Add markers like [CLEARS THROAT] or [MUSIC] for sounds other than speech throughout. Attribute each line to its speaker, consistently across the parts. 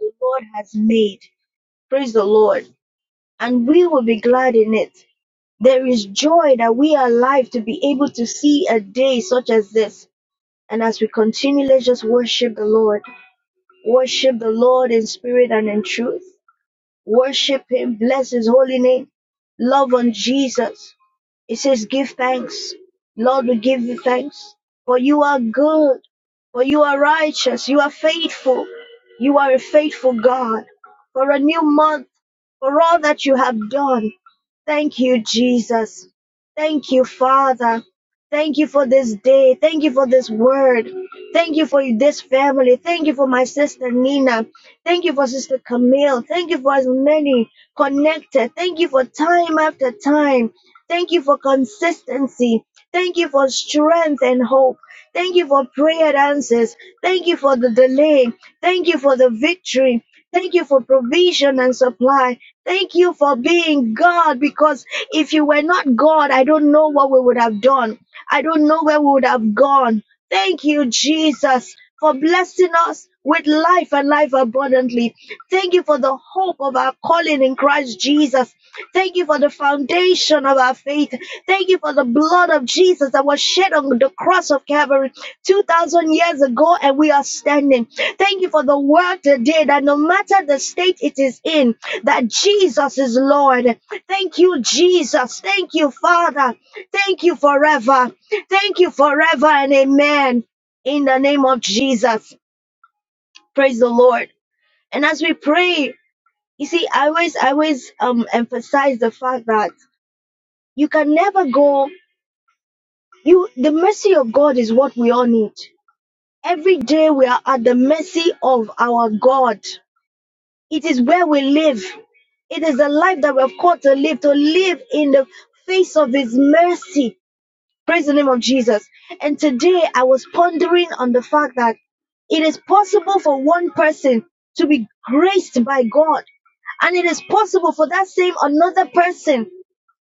Speaker 1: the Lord has made. Praise the Lord. And we will be glad in it. There is joy that we are alive to be able to see a day such as this. And as we continue, let's just worship the Lord. Worship the Lord in spirit and in truth. Worship him, bless his holy name, love on Jesus. It says, Give thanks. Lord, we give you thanks. For you are good. For you are righteous. You are faithful. You are a faithful God. For a new month. For all that you have done. Thank you, Jesus. Thank you, Father. Thank you for this day. Thank you for this word. Thank you for this family. Thank you for my sister Nina. Thank you for Sister Camille. Thank you for as many connected. Thank you for time after time. Thank you for consistency. Thank you for strength and hope. Thank you for prayer answers. Thank you for the delay. Thank you for the victory. Thank you for provision and supply. Thank you for being God because if you were not God, I don't know what we would have done. I don't know where we would have gone. Thank you, Jesus, for blessing us with life and life abundantly. Thank you for the hope of our calling in Christ Jesus. Thank you for the foundation of our faith. Thank you for the blood of Jesus that was shed on the cross of Calvary 2,000 years ago, and we are standing. Thank you for the word today that no matter the state it is in, that Jesus is Lord. Thank you, Jesus. Thank you, Father. Thank you forever. Thank you forever and amen. In the name of Jesus. Praise the Lord. And as we pray, you see, I always I always um emphasize the fact that you can never go you the mercy of God is what we all need. Every day we are at the mercy of our God. It is where we live. It is the life that we have called to live, to live in the face of His mercy Praise the name of Jesus. And today I was pondering on the fact that it is possible for one person to be graced by God. And it is possible for that same another person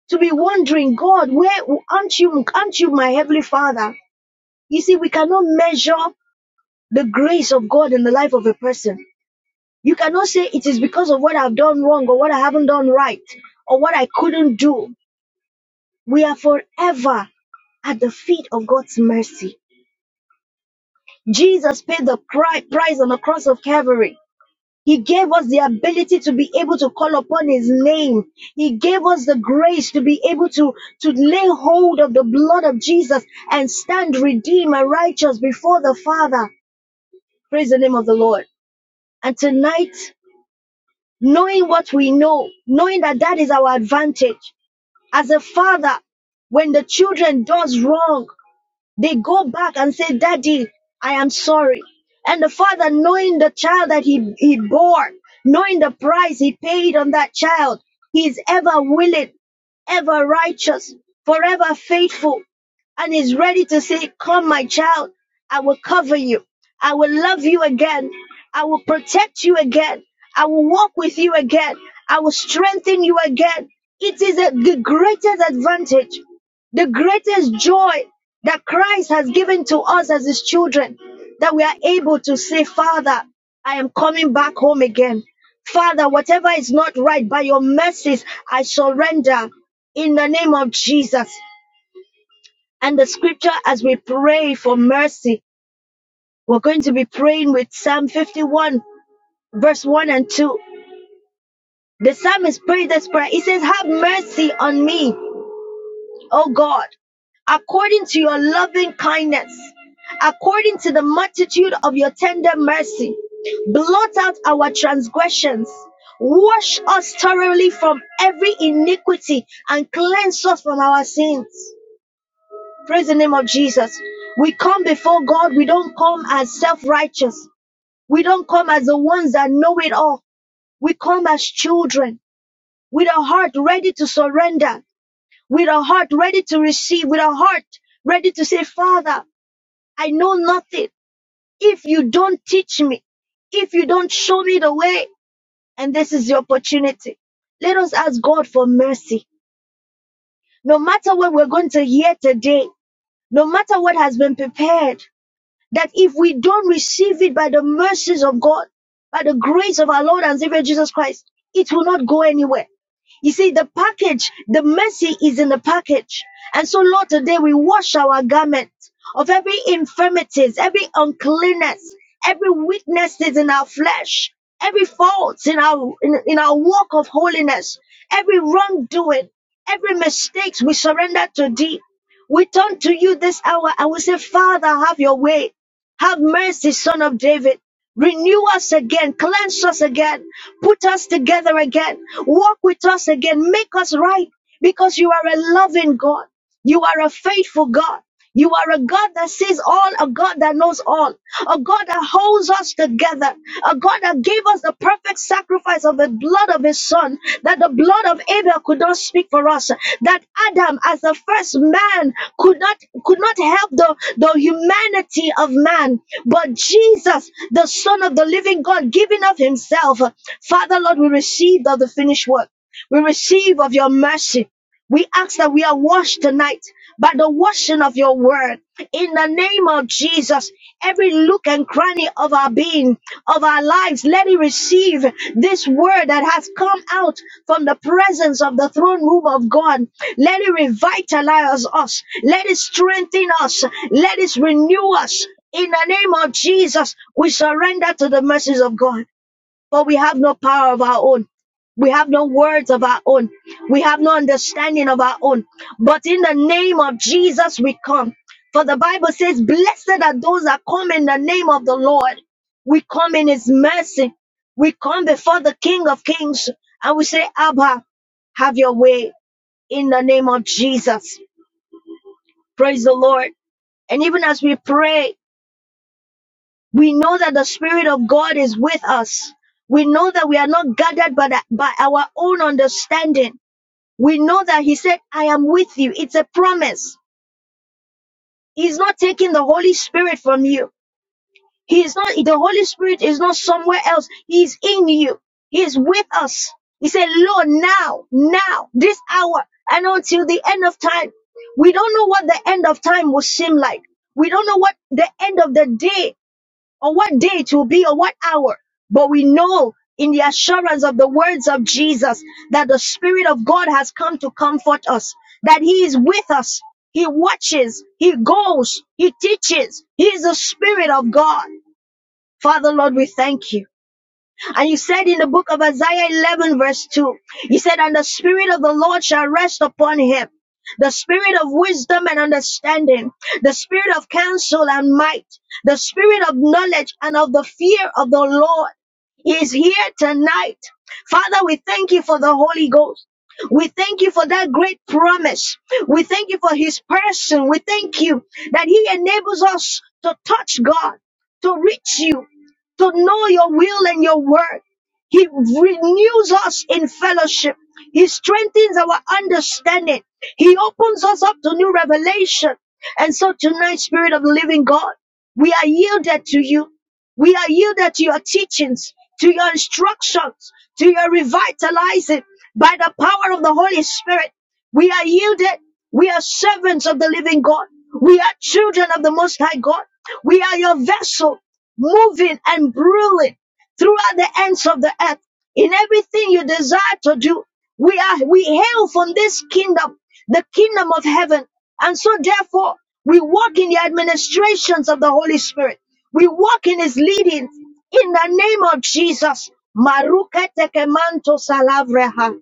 Speaker 1: to be wondering, God, where aren't you, aren't you my heavenly father? You see, we cannot measure the grace of God in the life of a person. You cannot say it is because of what I've done wrong or what I haven't done right or what I couldn't do. We are forever at the feet of God's mercy. Jesus paid the cri- price on the cross of Calvary. He gave us the ability to be able to call upon his name. He gave us the grace to be able to, to lay hold of the blood of Jesus and stand redeemed and righteous before the Father. Praise the name of the Lord. And tonight, knowing what we know, knowing that that is our advantage as a father, when the children does wrong, They go back and say, Daddy, I am sorry. And the father, knowing the child that he, he bore, knowing the price he paid on that child, he is ever willing, ever righteous, forever faithful, and is ready to say, Come, my child, I will cover you. I will love you again. I will protect you again. I will walk with you again. I will strengthen you again. It is a, the greatest advantage, the greatest joy that Christ has given to us as his children, that we are able to say, Father, I am coming back home again. Father, whatever is not right, by your mercies, I surrender in the name of Jesus. And the scripture, as we pray for mercy, we're going to be praying with Psalm 51, verse 1 and 2. The psalmist prayed this prayer. He says, Have mercy on me oh God, according to your loving kindness, according to the multitude of your tender mercy. Blot out our transgressions. Wash us thoroughly from every iniquity and cleanse us from our sins. Praise the name of Jesus. We come before God. We don't come as self righteous. We don't come as the ones that know it all. We come as children with a heart ready to surrender with a heart ready to receive, with a heart ready to say, Father, I know nothing. If you don't teach me, if you don't show me the way, and this is the opportunity, let us ask God for mercy. No matter what we're going to hear today, no matter what has been prepared, that if we don't receive it by the mercies of God, by the grace of our Lord and Savior Jesus Christ, it will not go anywhere. You see, the package, the mercy is in the package. And so, Lord, today we wash our garment of every infirmities, every uncleanness, every weaknesses in our flesh, every faults in our in, in our walk of holiness, every wrongdoing, every mistakes we surrender to thee. We turn to you this hour and we say, Father, have your way. Have mercy, Son of David. Renew us again, cleanse us again, put us together again, walk with us again, make us right because you are a loving God. You are a faithful God. You are a God that sees all, a God that knows all, a God that holds us together, a God that gave us the perfect sacrifice of the blood of His Son, that the blood of Abel could not speak for us, that Adam, as the first man, could not could not help the, the humanity of man, but Jesus, the Son of the Living God, giving of Himself, Father Lord, we receive of the finished work. We receive of your mercy. We ask that we are washed tonight by the washing of your word. In the name of Jesus, every look and cranny of our being, of our lives, let it receive this word that has come out from the presence of the throne room of God. Let it revitalize us. Let it strengthen us. Let it renew us. In the name of Jesus, we surrender to the mercies of God. For we have no power of our own. We have no words of our own. We have no understanding of our own. But in the name of Jesus, we come. For the Bible says, Blessed are those that come in the name of the Lord. We come in His mercy. We come before the King of Kings and we say, Abba, have your way in the name of Jesus. Praise the Lord. And even as we pray, We know that the Spirit of God is with us. We know that we are not gathered by, the- by our own understanding. We know that He said, I am with you. It's a promise. He's not taking the Holy Spirit from you. He is not, the Holy Spirit is not somewhere else. He is in you. He is with us. He said, Lord, now, now, this hour, and until the end of time. We don't know what the end of time will seem like. We don't know what the end of the day or what day it will be, or what hour. But we know in the assurance of the words of Jesus that the Spirit of God has come to comfort us, that He is with us. He watches, He goes, He teaches. He is the Spirit of God. Father, Lord, we thank you. And you said in the book of Isaiah 11 verse 2, you said, and the spirit of the Lord shall rest upon him. The spirit of wisdom and understanding, the spirit of counsel and might, the spirit of knowledge and of the fear of the Lord He is here tonight. Father, we thank you for the Holy Ghost. We thank you for that great promise. We thank you for his person. We thank you that he enables us to touch God, to reach you to know your will and your word. He renews us in fellowship. He strengthens our understanding. He opens us up to new revelation. And so tonight, Spirit of the Living God, we are yielded to you. We are yielded to your teachings, to your instructions, to your revitalizing by the power of the Holy Spirit. We are yielded. We are servants of the living God. We are children of the Most High God. We are your vessel moving and ruling throughout the ends of the earth. In everything you desire to do, we are we hail from this kingdom, the kingdom of heaven. And so therefore, we walk in the administrations of the Holy Spirit. We walk in his leading in the name of Jesus. Marukete kemanto salavreha.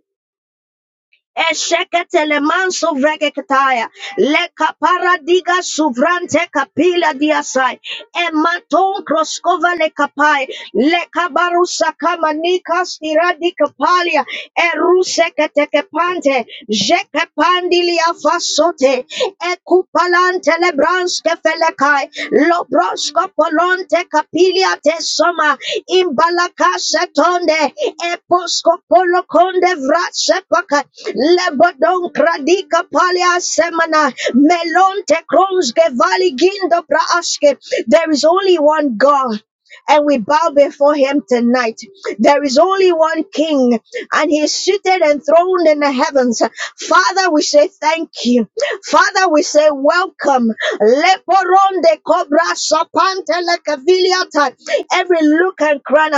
Speaker 1: Esheketele manso vregekataya. Leka paradiga suvrante kapila diasai. Ematon kroskova lekapai. Leka barusa kama nika stiradi kapalia. Eruse kepante, Jeke pandilia fasote. Mantele branske felekai. Lobrosko polonte kapilia te soma. Imbalaka setonde. Eposko polo konde vrase pakai. Lebodon kradika palia semana. Melonte kronske vali gindo braaske. There is only one God and we bow before him tonight. There is only one king, and he is seated and throned in the heavens. Father, we say thank you. Father, we say welcome. Leporonde cobra sapante lekaviliata. Every look and crown,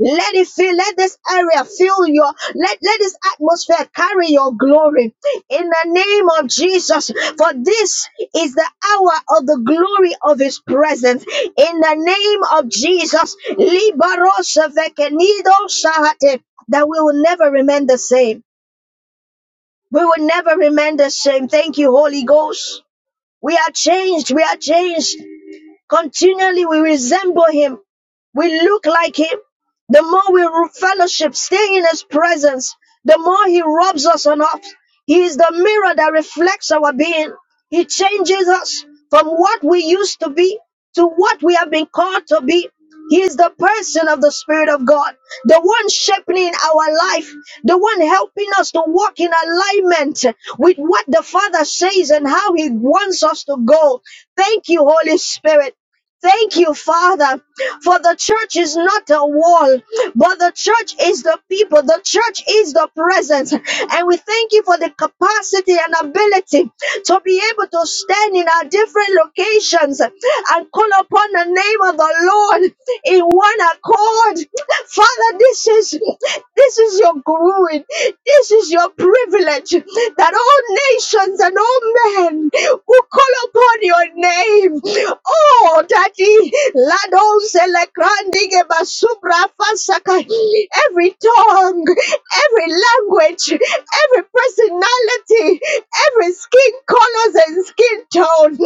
Speaker 1: let it fill, let this area fill your, let, let this atmosphere carry your glory in the name of Jesus, for this is the hour of the glory of His presence. In the name of Jesus, Libaros Vekenido Shahate, that we will never remain the same. We will never remain the same. Thank you, Holy Ghost. We are changed. We are changed. Continually we resemble him. We look like him. The more we fellowship, stay in his presence, the more he robs us on us. He is the mirror that reflects our being. He changes us from what we used to be to what we have been called to be. He is the person of the Spirit of God, the one shaping our life, the one helping us to walk in alignment with what the Father says and how He wants us to go. Thank you, Holy Spirit. Thank you, Father, for the church is not a wall, but the church is the people. The church is the presence. And we thank you for the capacity and ability to be able to stand in our different locations and call upon the name of the Lord in one accord Father, this is this is your glory. This is your privilege that all nations and all men will call upon your name. Oh, Daddy, Lado Selekrandi Basubra Fasaka. Every tongue, every language, every personality, every skin colors and skin tone.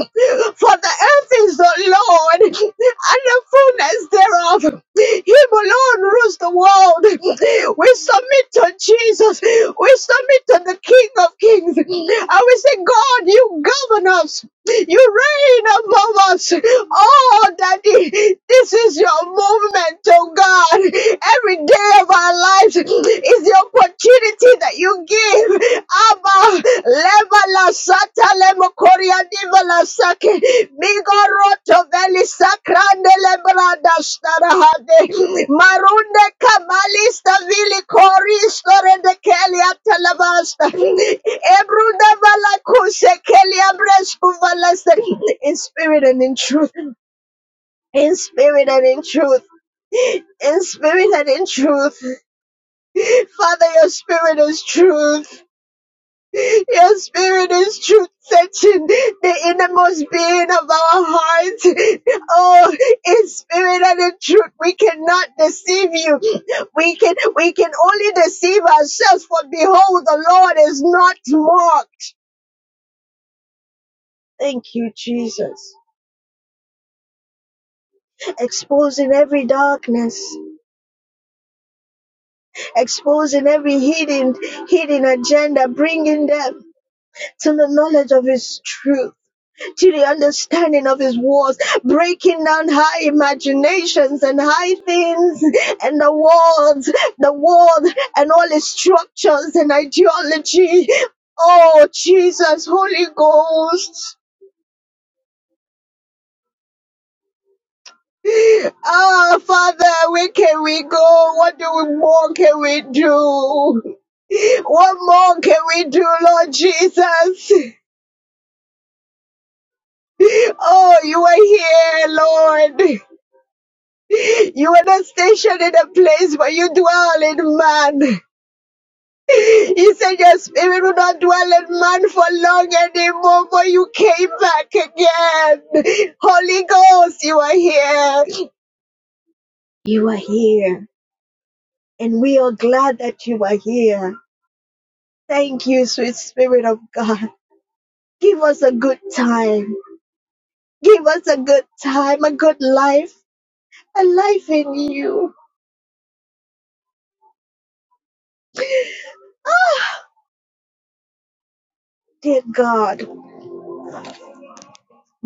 Speaker 1: For the earth is the Lord and the fullness thereof. Him alone rules the world. We submit to Jesus. We submit to the King of Kings. And we say, God, you govern us. You reign above us. Oh, Daddy, this is your movement, oh God. Every day of our lives is the opportunity that you give. Abba, leva la sata lemo koria diva la sake. Migoroto veli sakrande lebrada starahade. Marunde kamalista vili koristo rende kelia talabasta. Ebruda vala kuse kelia bresku valaste. In spirit and in truth. In spirit and in truth. In spirit and in truth. Father, your spirit is truth. Your spirit is truth searching the innermost being of our hearts. Oh, in spirit and in truth, we cannot deceive you. We can we can only deceive ourselves, for behold, the Lord is not mocked. Thank you, Jesus. Exposing every darkness, exposing every hidden hidden agenda, bringing them to the knowledge of His truth. to the understanding of his words, breaking down high imaginations and high things and the world, the world and all its structures and ideology. Oh, Jesus, Holy Ghost. Ah, Father, where can we go? What do we, more can we do? What more can we do, Lord Jesus? Oh, you are here, Lord. You are not stationed in a place where you dwell in man. He said, Your spirit will not dwell in man for long anymore, for you came back again. Holy Ghost, you are here. You are here. And we are glad that you are here. Thank you, sweet spirit of God. Give us a good time. Give us a good time, a good life, a life in you. Ah, Dear God,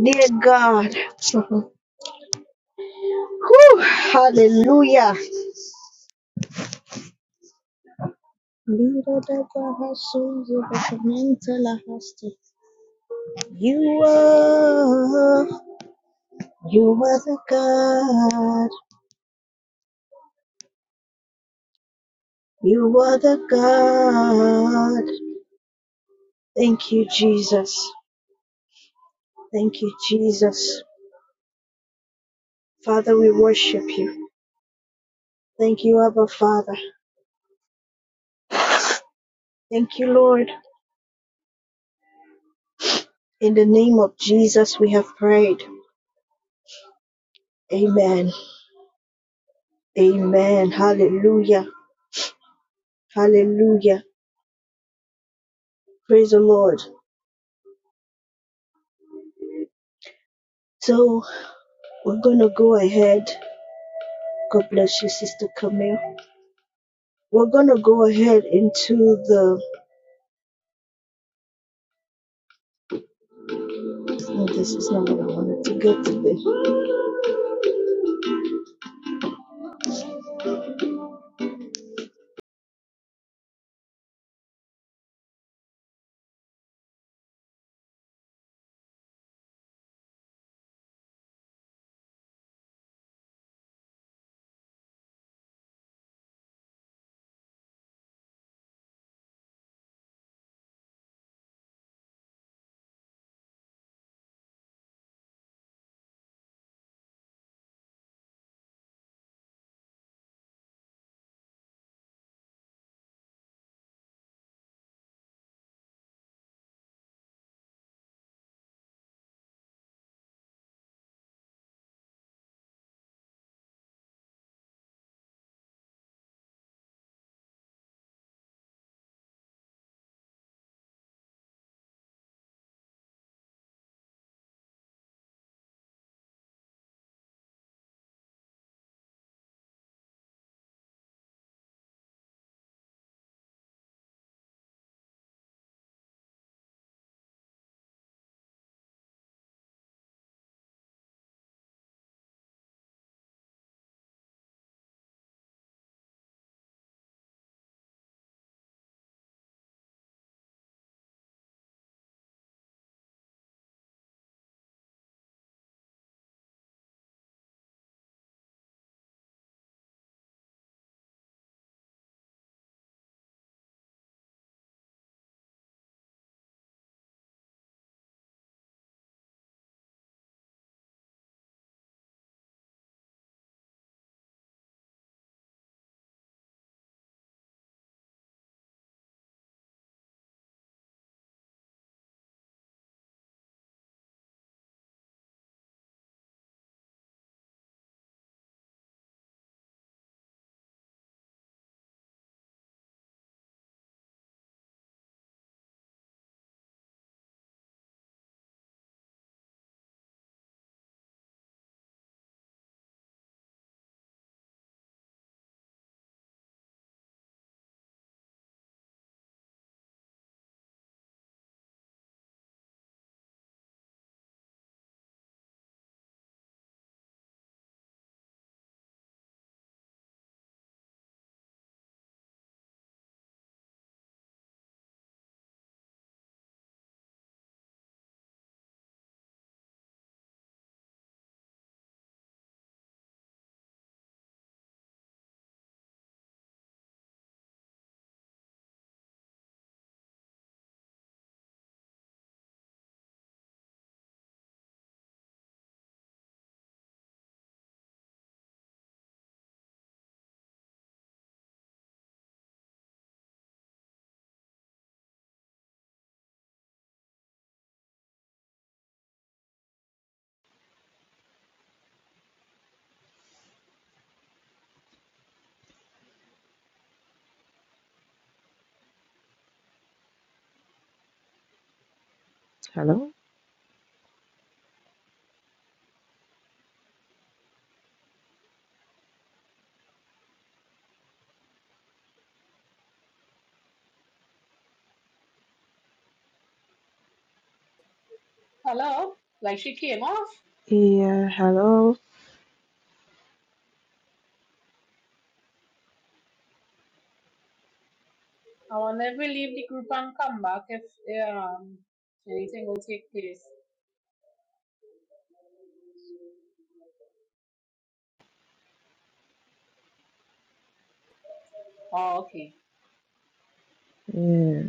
Speaker 1: dear God. [LAUGHS] Whew, hallelujah. You are, you are the God. You are the God. Thank you, Jesus. Thank you, Jesus. Father, we worship you. Thank you, Abba Father. Thank you, Lord. In the name of Jesus, we have prayed. Amen. Amen. Hallelujah. Hallelujah. Praise the Lord. So. We're gonna go ahead. God bless you, Sister Camille. We're gonna go ahead into the. No, this is not what I wanted to get today.
Speaker 2: Hello?
Speaker 3: Hello? Like she came off.
Speaker 2: Yeah, hello.
Speaker 3: I will never leave the group and come back if um anything will take place. Oh, okay.
Speaker 2: Yeah,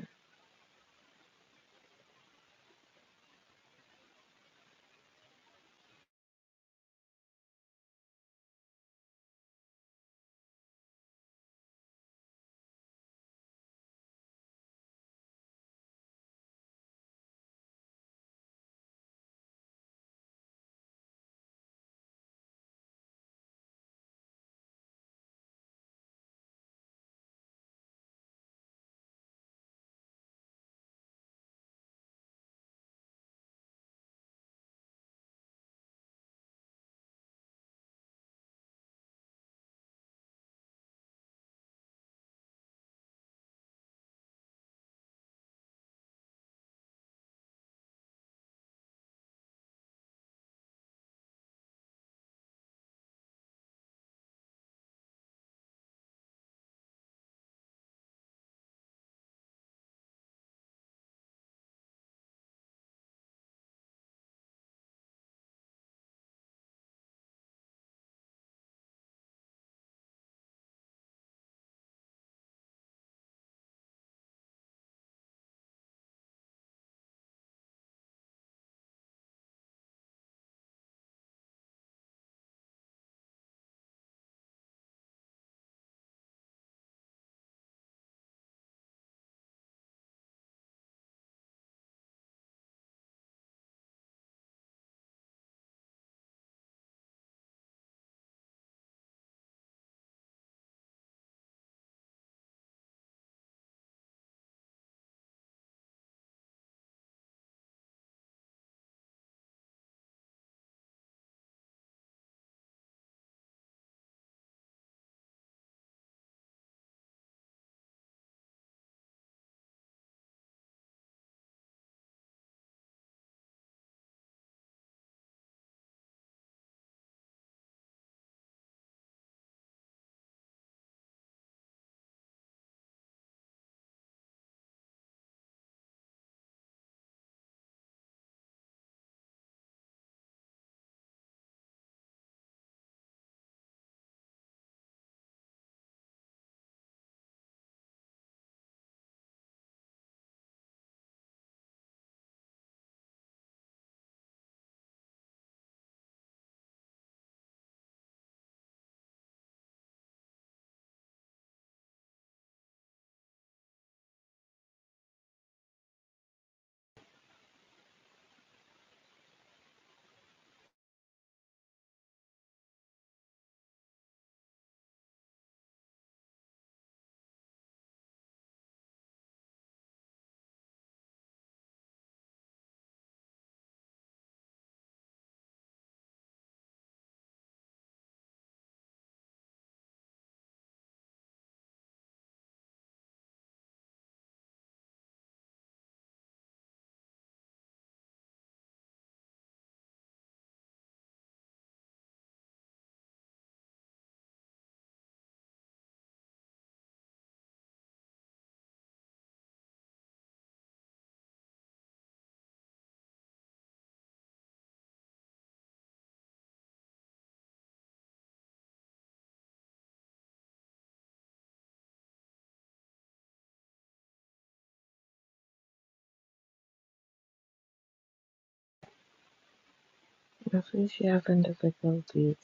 Speaker 2: I think she having difficulties.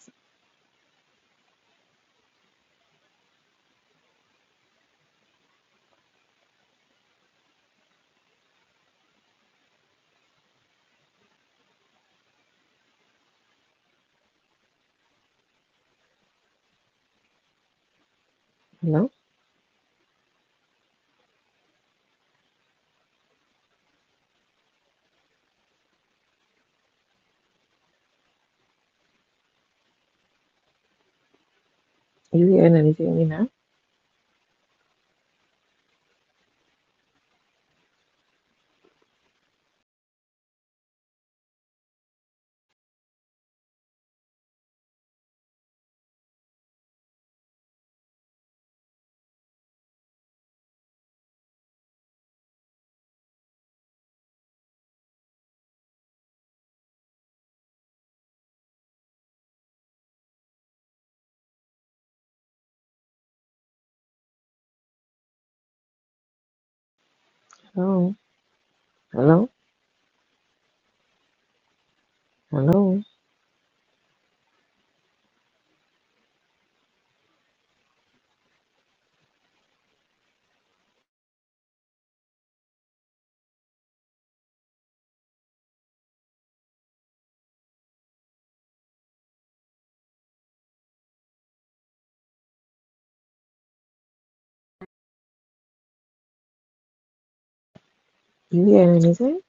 Speaker 2: Hello? You hearing anything, Nina? Hello? Hello? Hello? You hearing anything?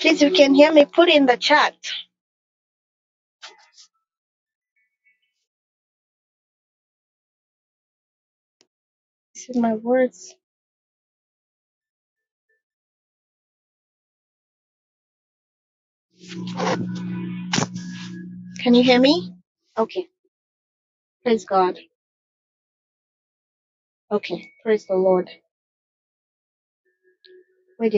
Speaker 1: Please, you can hear me. Put in the chat. Okay. Wait.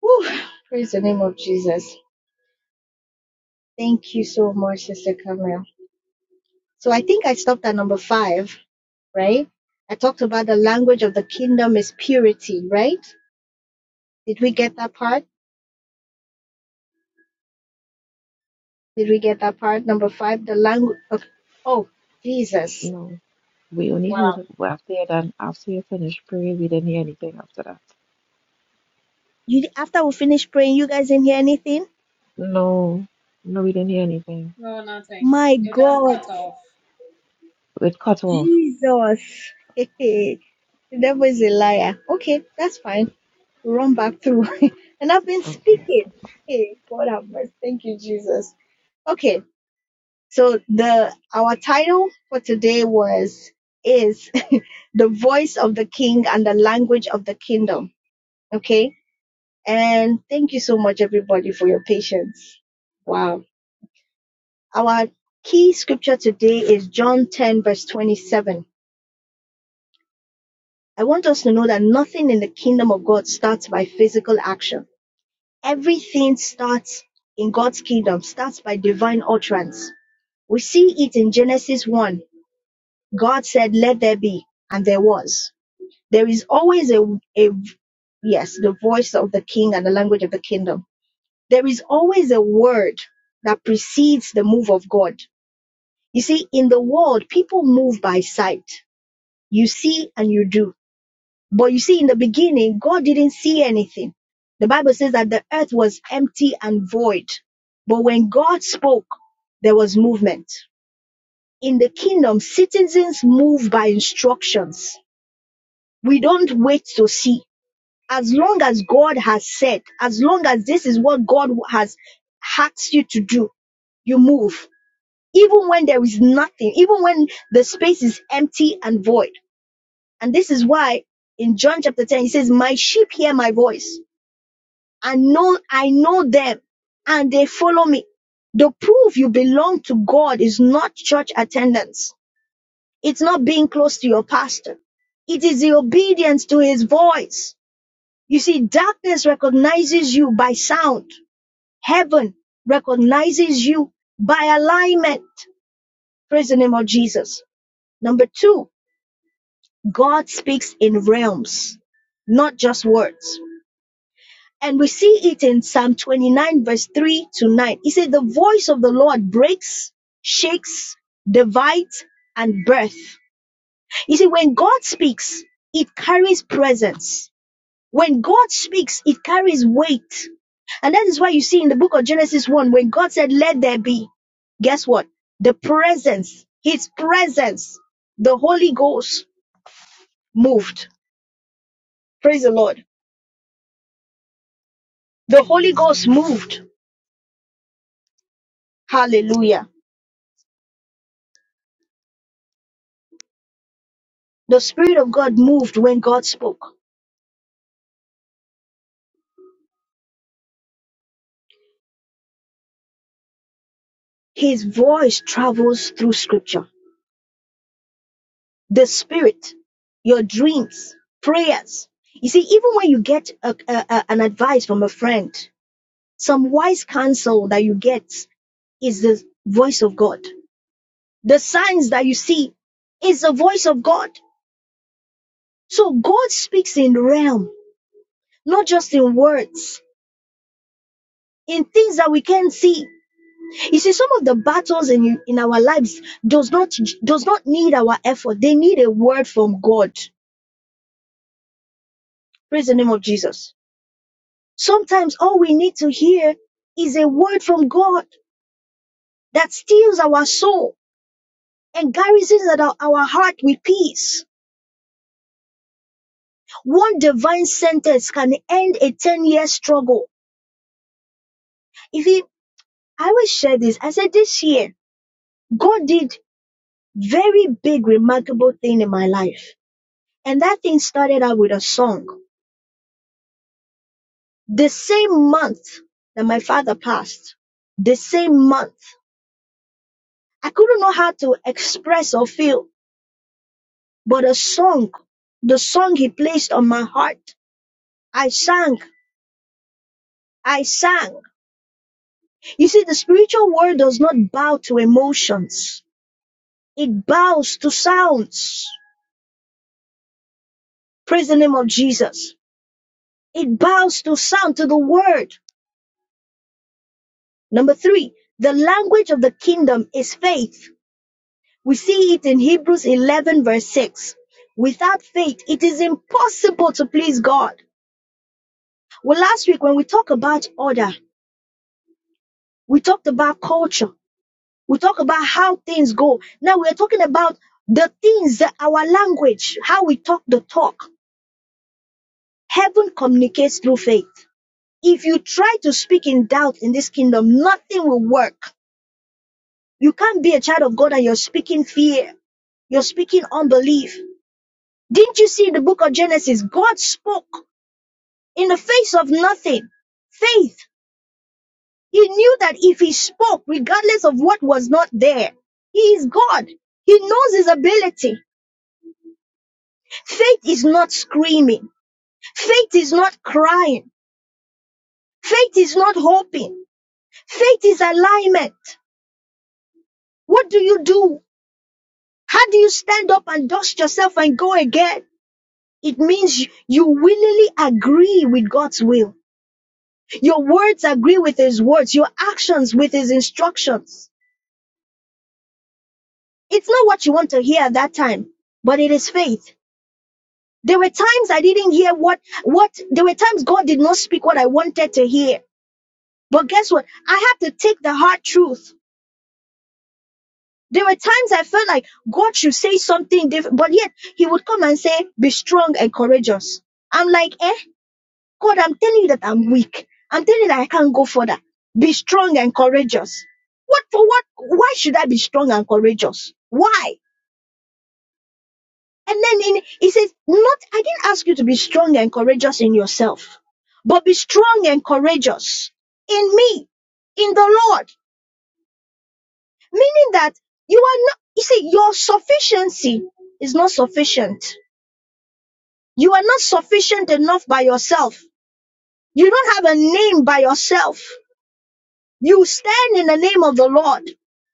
Speaker 1: Whew. Praise the name of Jesus. Thank you so much, Sister Camille. So I think I stopped at number five, right? I talked about the language of the kingdom is purity, right? Did we get that part? Did we get that part? Number five, the language. of... Oh, Jesus.
Speaker 2: No. We only heard it after you done, after you finished praying, we didn't hear anything after that.
Speaker 1: You after we finished praying, you guys didn't hear anything?
Speaker 2: No. No, we didn't hear anything.
Speaker 3: No, nothing.
Speaker 1: My
Speaker 3: You just
Speaker 1: God,
Speaker 3: cut off.
Speaker 2: It cut off.
Speaker 1: Jesus. [LAUGHS] the devil is a liar. Okay, that's fine. We'll run back through. [LAUGHS] and I've been
Speaker 2: Okay.
Speaker 1: speaking. Hey, God have mercy. Thank you, Jesus. Okay, so the our title for today was is [LAUGHS] the voice of the king and the language of the kingdom. Okay. And thank you so much everybody for your patience. Wow. Our key scripture today is John 10 verse 27 I want us to know that nothing in the kingdom of God starts by physical action. Everything starts in God's kingdom, starts by divine utterance. We see it in Genesis 1. God said, Let there be, and there was. There is always a, a yes, the voice of the king and the language of the kingdom. There is always a word that precedes the move of God. You see, in the world, people move by sight. You see and you do But you see, in the beginning, God didn't see anything. The Bible says that the earth was empty and void. But when God spoke, there was movement. In the kingdom, citizens move by instructions. We don't wait to see. As long as God has said, as long as this is what God has asked you to do, you move. Even when there is nothing, even when the space is empty and void. And this is why in John chapter 10, he says, My sheep hear my voice and know I know them and they follow me. The proof you belong to God is not church attendance. It's not being close to your pastor. It is the obedience to his voice. You see, darkness recognizes you by sound. Heaven recognizes you by alignment. Praise the name of Jesus. Number two, God speaks in realms, not just words. And we see it in Psalm 29, verse 3 to 9. It says, The voice of the Lord breaks, shakes, divides, and birth. You see, when God speaks, it carries presence. When God speaks, it carries weight. And that is why you see in the book of Genesis 1, when God said, Let there be, guess what? The presence, His presence, the Holy Ghost moved. Praise the Lord. The Holy Ghost moved. Hallelujah. The Spirit of God moved when God spoke. His voice travels through scripture. The Spirit, your dreams, prayers. You see, even when you get a, a- a- an advice from a friend, some wise counsel that you get is the voice of God. The signs that you see is the voice of God. So God speaks in realm, not just in words, in things that we can't see. You see, some of the battles in, in our lives does not does not need our effort. They need a word from God. Praise the name of Jesus. Sometimes all we need to hear is a word from God that steals our soul and garrisons at our, our heart with peace. One divine sentence can end a 10-year struggle. If he, I always share this, I said this year, God did very big, remarkable thing in my life. And that thing started out with a song. The same month that my father passed, the same month, I couldn't know how to express or feel, but a song, the song he placed on my heart, I sang, I sang. You see, the spiritual world does not bow to emotions. It bows to sounds. Praise the name of Jesus. It bows to sound, to the word. Number three, the language of the kingdom is faith. We see it in Hebrews 11, verse 6. Without faith, it is impossible to please God. Well, last week when we talked about order, we talked about culture, we talked about how things go. Now we're talking about the things that our language, how we talk the talk. Heaven communicates through faith. If you try to speak in doubt in this kingdom, nothing will work. You can't be a child of God and you're speaking fear, you're speaking unbelief. Didn't you see in the book of Genesis? God spoke in the face of nothing. Faith. He knew that if he spoke, regardless of what was not there, he is God. He knows his ability. Faith is not screaming. Faith is not crying. Faith is not hoping. Faith is alignment. What do you do? How do you stand up and dust yourself and go again? It means you willingly agree with God's will. Your words agree with His words. Your actions with His instructions. it's not what you want to hear at that time but it is faith there were times i didn't hear what what there were times god did not speak what i wanted to hear but guess what i had to take the hard truth there were times i felt like god should say something different but yet he would come and say be strong and courageous i'm like eh god i'm telling you that i'm weak i'm telling you that i can't go further be strong and courageous what for what why should i be strong and courageous why And then in, he says, not, I didn't ask you to be strong and courageous in yourself, but be strong and courageous in me, in the Lord. Meaning that you are not, you see, your sufficiency is not sufficient. You are not sufficient enough by yourself. You don't have a name by yourself. You stand in the name of the Lord.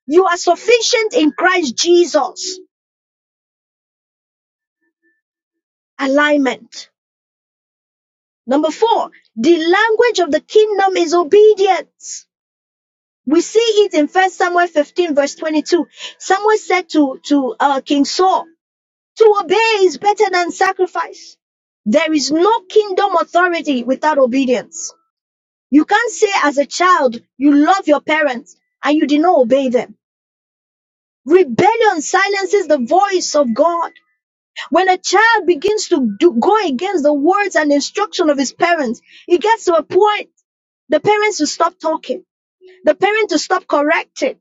Speaker 1: You are sufficient in Christ Jesus. Alignment. Number four, the language of the kingdom is obedience. We see it in First Samuel 15, verse 22. Samuel said to, to uh, King Saul, to obey is better than sacrifice. There is no kingdom authority without obedience. You can't say as a child, you love your parents and you did not obey them. Rebellion silences the voice of God. When a child begins to do, go against the words and instruction of his parents, it gets to a point the parents will stop talking, the parents will stop correcting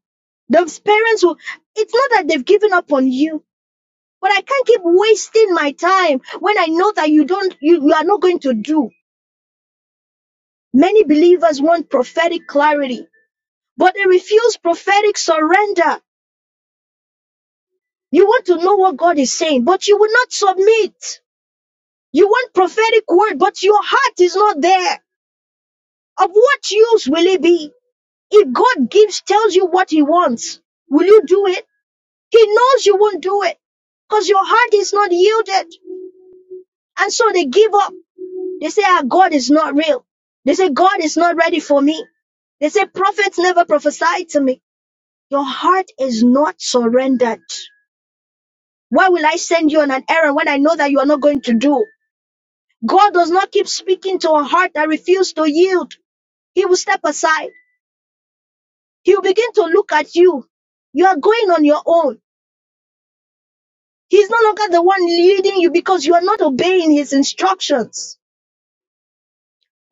Speaker 1: Those parents will, it's not that they've given up on you, but I can't keep wasting my time when I know that you don't, you, you are not going to do. Many believers want prophetic clarity, but they refuse prophetic surrender. You want to know what God is saying, but you will not submit. You want prophetic word, but your heart is not there. Of what use will it be? If God gives, tells you what he wants, will you do it? He knows you won't do it because your heart is not yielded. And so they give up. They say, ah, God is not real. They say, God is not ready for me. They say, prophets never prophesied to me. Your heart is not surrendered. Why will I send you on an errand when I know that you are not going to do? God does not keep speaking to a heart that refuses to yield. He will step aside. He will begin to look at you. You are going on your own. He's no longer the one leading you because you are not obeying his instructions.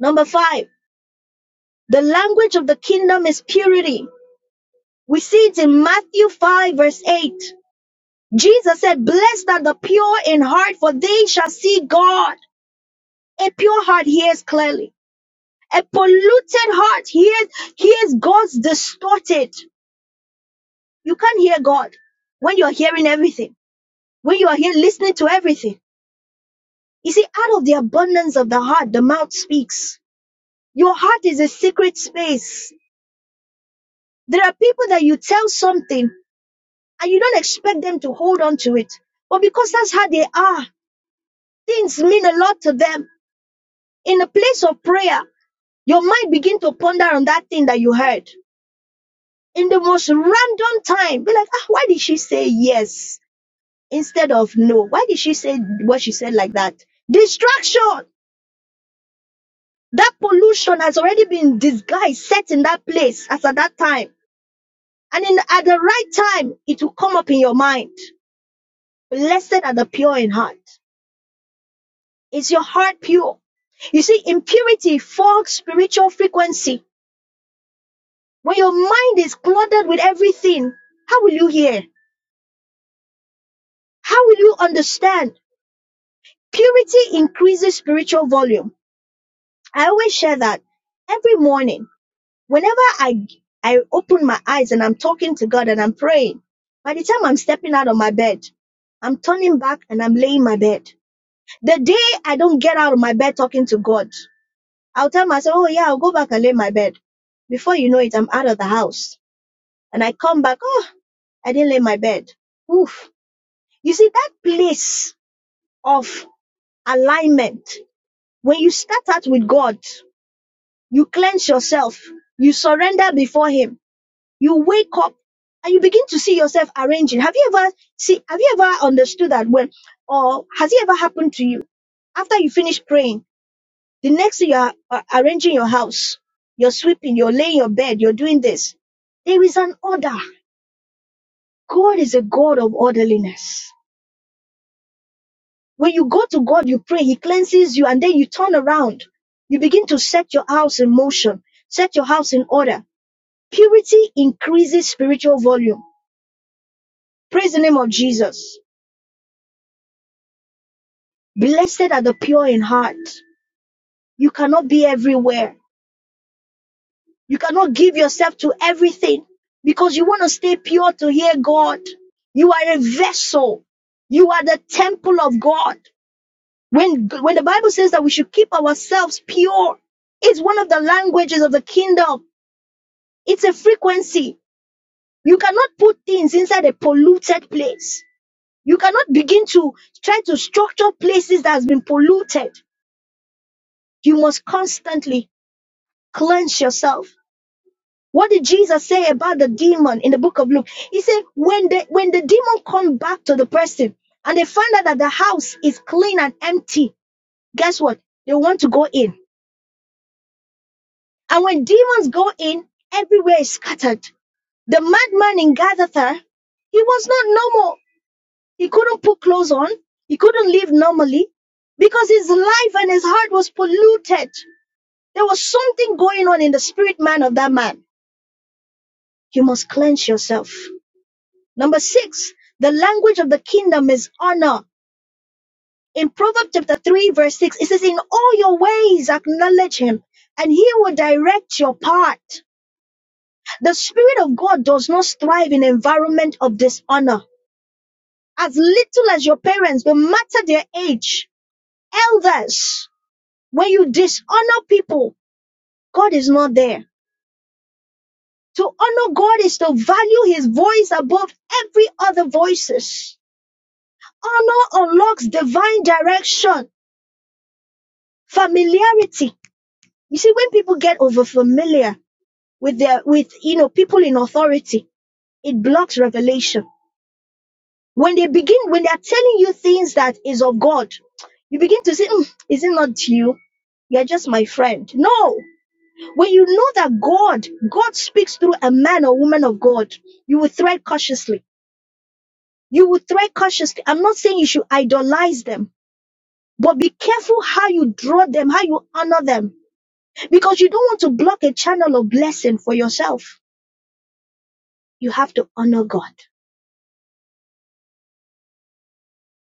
Speaker 1: Number five, the language of the kingdom is purity. We see it in Matthew 5, verse 8. Jesus said, Blessed are the pure in heart, for they shall see God. A pure heart hears clearly. A polluted heart hears, hears God's distorted. You can't hear God when you're hearing everything, when you are here listening to everything. You see, out of the abundance of the heart, the mouth speaks. Your heart is a secret space. There are people that you tell something and you don't expect them to hold on to it. But because that's how they are, things mean a lot to them. In a place of prayer, your mind begin to ponder on that thing that you heard. In the most random time, be like, ah, why did she say yes instead of no? Why did she say what she said like that? Distraction. That pollution has already been disguised, set in that place as at that time. And in at the right time, it will come up in your mind. Blessed are the pure in heart. Is your heart pure? You see, impurity fogs spiritual frequency When your mind is cluttered with everything, how will you hear? How will you understand? Purity increases spiritual volume. I always share that every morning. Whenever I I open my eyes and I'm talking to God and I'm praying, by the time I'm stepping out of my bed, I'm turning back and I'm laying my bed. The day I don't get out of my bed talking to God, I'll tell myself, oh yeah, I'll go back and lay my bed. Before you know it, I'm out of the house. And I come back, oh, I didn't lay my bed. Oof You see, that place of alignment, when you start out with God, you cleanse yourself, you surrender before Him, you wake up and you begin to see yourself arranging. Have you ever see have you ever understood that when or has it ever happened to you? After you finish praying, the next thing you are uh, arranging your house, you're sweeping, you're laying your bed, you're doing this. There is an order. God is a God of orderliness. When you go to God, you pray, He cleanses you, and then you turn around. You begin to set your house in motion, set your house in order. Purity increases spiritual volume. Praise the name of Jesus. Blessed are the pure in heart. You cannot be everywhere. You cannot give yourself to everything because you want to stay pure to hear God. You are a vessel. You are the temple of God. When, when the Bible says that we should keep ourselves pure, it's one of the languages of the kingdom. It's a frequency. You cannot put things inside a polluted place. You cannot begin to try to structure places that has been polluted. You must constantly cleanse yourself. What did Jesus say about the demon in the book of Luke? He said, when the when the demon come back to the person and they find out that the house is clean and empty, guess what? They want to go in. And when demons go in, everywhere is scattered. The madman in Gadatha, he was not normal He couldn't put clothes on. He couldn't live normally because his life and his heart was polluted. There was something going on in the spirit man of that man. You must cleanse yourself. Number six, the language of the kingdom is honor. In Proverbs chapter 3, verse 6, it says, In all your ways acknowledge him, and he will direct your path. The Spirit of God does not thrive in environment of dishonor. As little as your parents, no matter their age, elders. When you dishonor people, God is not there. To honor God is to value his voice above every other voices. Honor unlocks divine direction, familiarity. You see, when people get over familiar with their, with, you know, people in authority, it blocks revelation. When they begin, when they are telling you things that is of God, you begin to say, "Mm, is it not you? You're just my friend. No, When you know that God, God speaks through a man or woman of God, you will tread cautiously. You will tread cautiously. I'm not saying you should idolize them, but be careful how you draw them, how you honor them, because you don't want to block a channel of blessing for yourself. You have to honor God.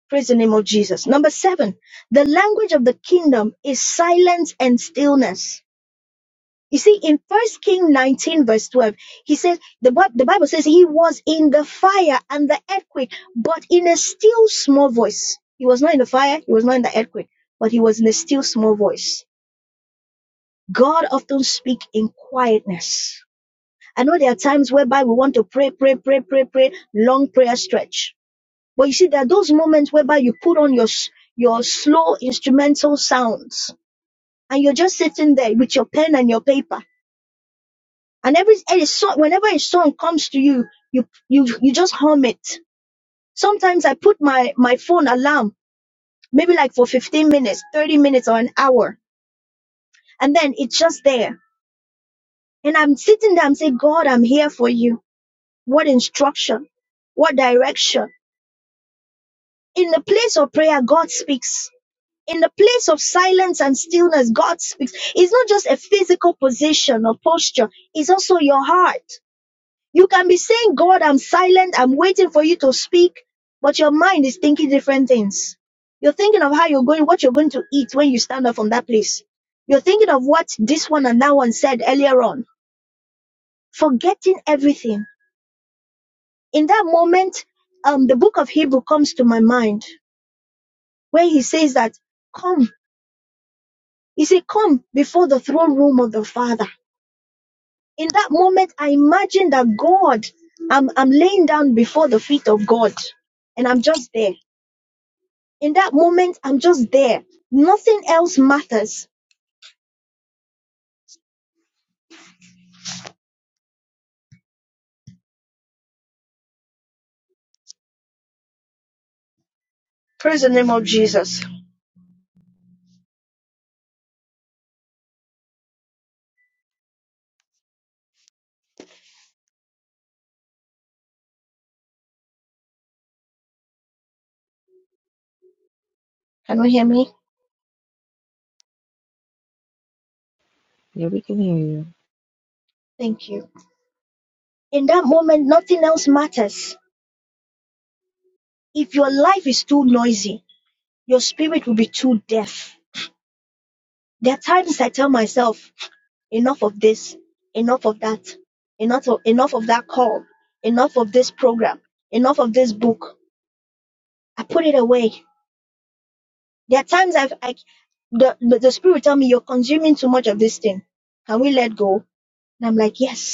Speaker 1: Praise the name of Jesus. Number seven, the language of the kingdom is silence and stillness. You see, in First King 19, verse 12, he says, the, Bi- the Bible says he was in the fire and the earthquake, but in a still small voice. He was not in the fire, he was not in the earthquake, but he was in a still small voice. God often speaks in quietness. I know there are times whereby we want to pray, pray, pray, pray, pray, long prayer stretch. But you see, there are those moments whereby you put on your, s- your slow instrumental sounds and you're just sitting there with your pen and your paper And every every song, whenever a song comes to you, you you you just hum it. Sometimes I put my my phone alarm, maybe like for 15 minutes, 30 minutes, or an hour, and then it's just there. And I'm sitting there, I'm saying, God, I'm here for you. What instruction? What direction? In the place of prayer, God speaks. In the place of silence and stillness, God speaks. It's not just a physical position or posture, it's also your heart. You can be saying, God, I'm silent, I'm waiting for you to speak, but your mind is thinking different things. You're thinking of how you're going, what you're going to eat when you stand up from that place. You're thinking of what this one and that one said earlier on, forgetting everything. In that moment, um, the book of Hebrew comes to my mind where he says that, come, he said, come before the throne room of the Father. In that moment, I imagine that God, I'm, I'm laying down before the feet of God and I'm just there In that moment, I'm just there. Nothing else matters. Praise the name of Jesus. Can you hear me?
Speaker 2: Yeah, we can hear you.
Speaker 1: Thank you. In that moment, nothing else matters. If your life is too noisy, your spirit will be too deaf. There are times I tell myself, enough of this, enough of that, enough of, enough of that call, enough of this program, enough of this book. I put it away. There are times I've, I, the, the, the spirit will tell me, you're consuming too much of this thing. Can we let go? And I'm like, yes.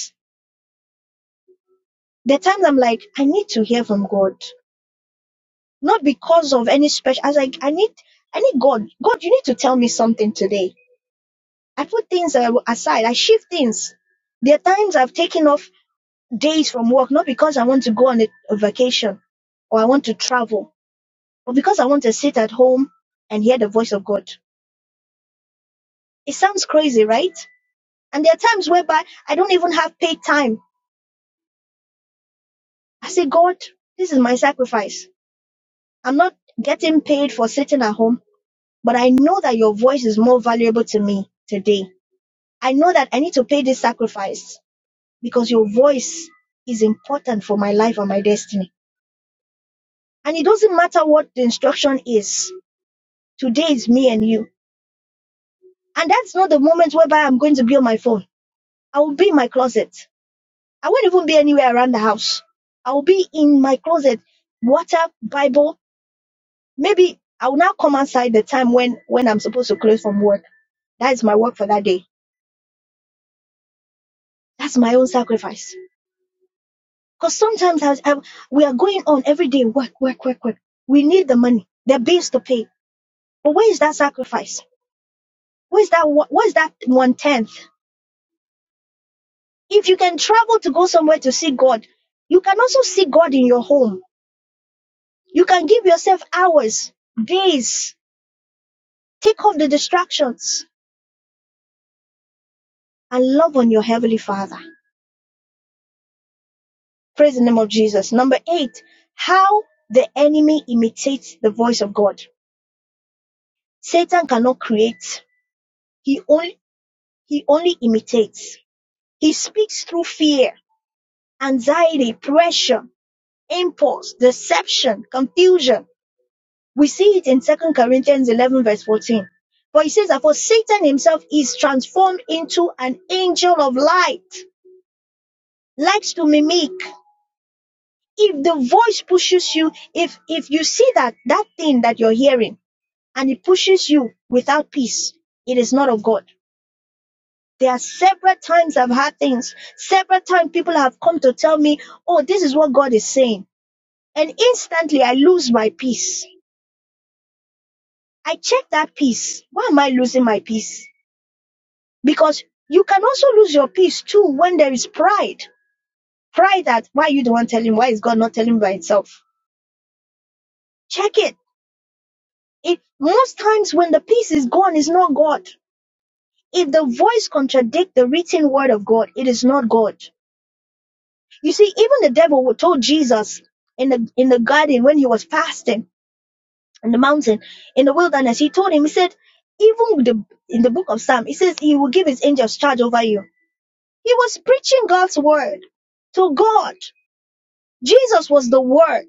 Speaker 1: the times I'm like, I need to hear from God. Not because of any special, I was like, I need, I need God. God, you need to tell me something today. I put things uh, aside. I shift things. There are times I've taken off days from work, not because I want to go on a, a vacation or I want to travel, but because I want to sit at home and hear the voice of God. It sounds crazy, right? And there are times whereby I don't even have paid time. I say, God, this is my sacrifice. I'm not getting paid for sitting at home. But I know that your voice is more valuable to me today. I know that I need to pay this sacrifice because your voice is important for my life and my destiny. And it doesn't matter what the instruction is. Today is me and you. And that's not the moment whereby I'm going to be on my phone. I will be in my closet. I won't even be anywhere around the house. I will be in my closet, water, Bible. Maybe I will now come outside the time when, when I'm supposed to close from work. That is my work for that day. That's my own sacrifice. Because sometimes I, I- we are going on every day, work, work, work, work. We need the money, the bills to pay. But where is that sacrifice? Where is that? one- Where is that one tenth? If you can travel to go somewhere to see God, you can also see God in your home. You can give yourself hours, days, take off the distractions, and love on your heavenly Father. Praise the name of Jesus. Number eight, how the enemy imitates the voice of God. Satan cannot create. He only he only imitates. He speaks through fear, anxiety, pressure, impulse, deception, confusion. We see it in Second Corinthians 11 verse 14. But he says that for Satan himself is transformed into an angel of light, likes to mimic. If the voice pushes you, if, if you see that, that thing that you're hearing and it pushes you without peace, it is not of God. There are several times I've had things, several times people have come to tell me, oh, this is what God is saying And instantly I lose my peace. I check that peace. Why am I losing my peace? Because you can also lose your peace too when there is pride. Pride that why you the one telling, why is God not telling him by itself? Check it. It most times when the peace is gone, it's not God. If the voice contradict the written word of God, it is not God. You see, even the devil told Jesus in the in the garden when he was fasting, in the mountain in the wilderness he told him he said even the, in the book of psalm he says he will give his angels charge over you he was preaching god's word to god jesus was the word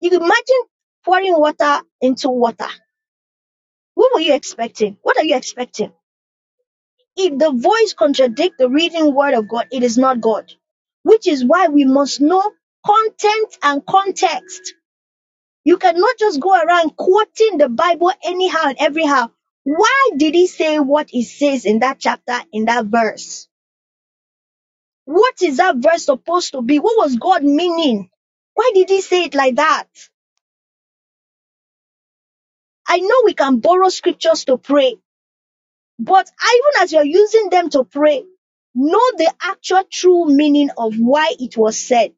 Speaker 1: you can imagine pouring water into water what were you expecting what are you expecting if the voice contradicts the reading word of god it is not god which is why we must know content and context You cannot just go around quoting the Bible anyhow and everyhow. Why did he say what he says in that chapter, in that verse? What is that verse supposed to be? What was God meaning? Why did he say it like that? I know we can borrow scriptures to pray, but even as you're using them to pray, know the actual true meaning of why it was said.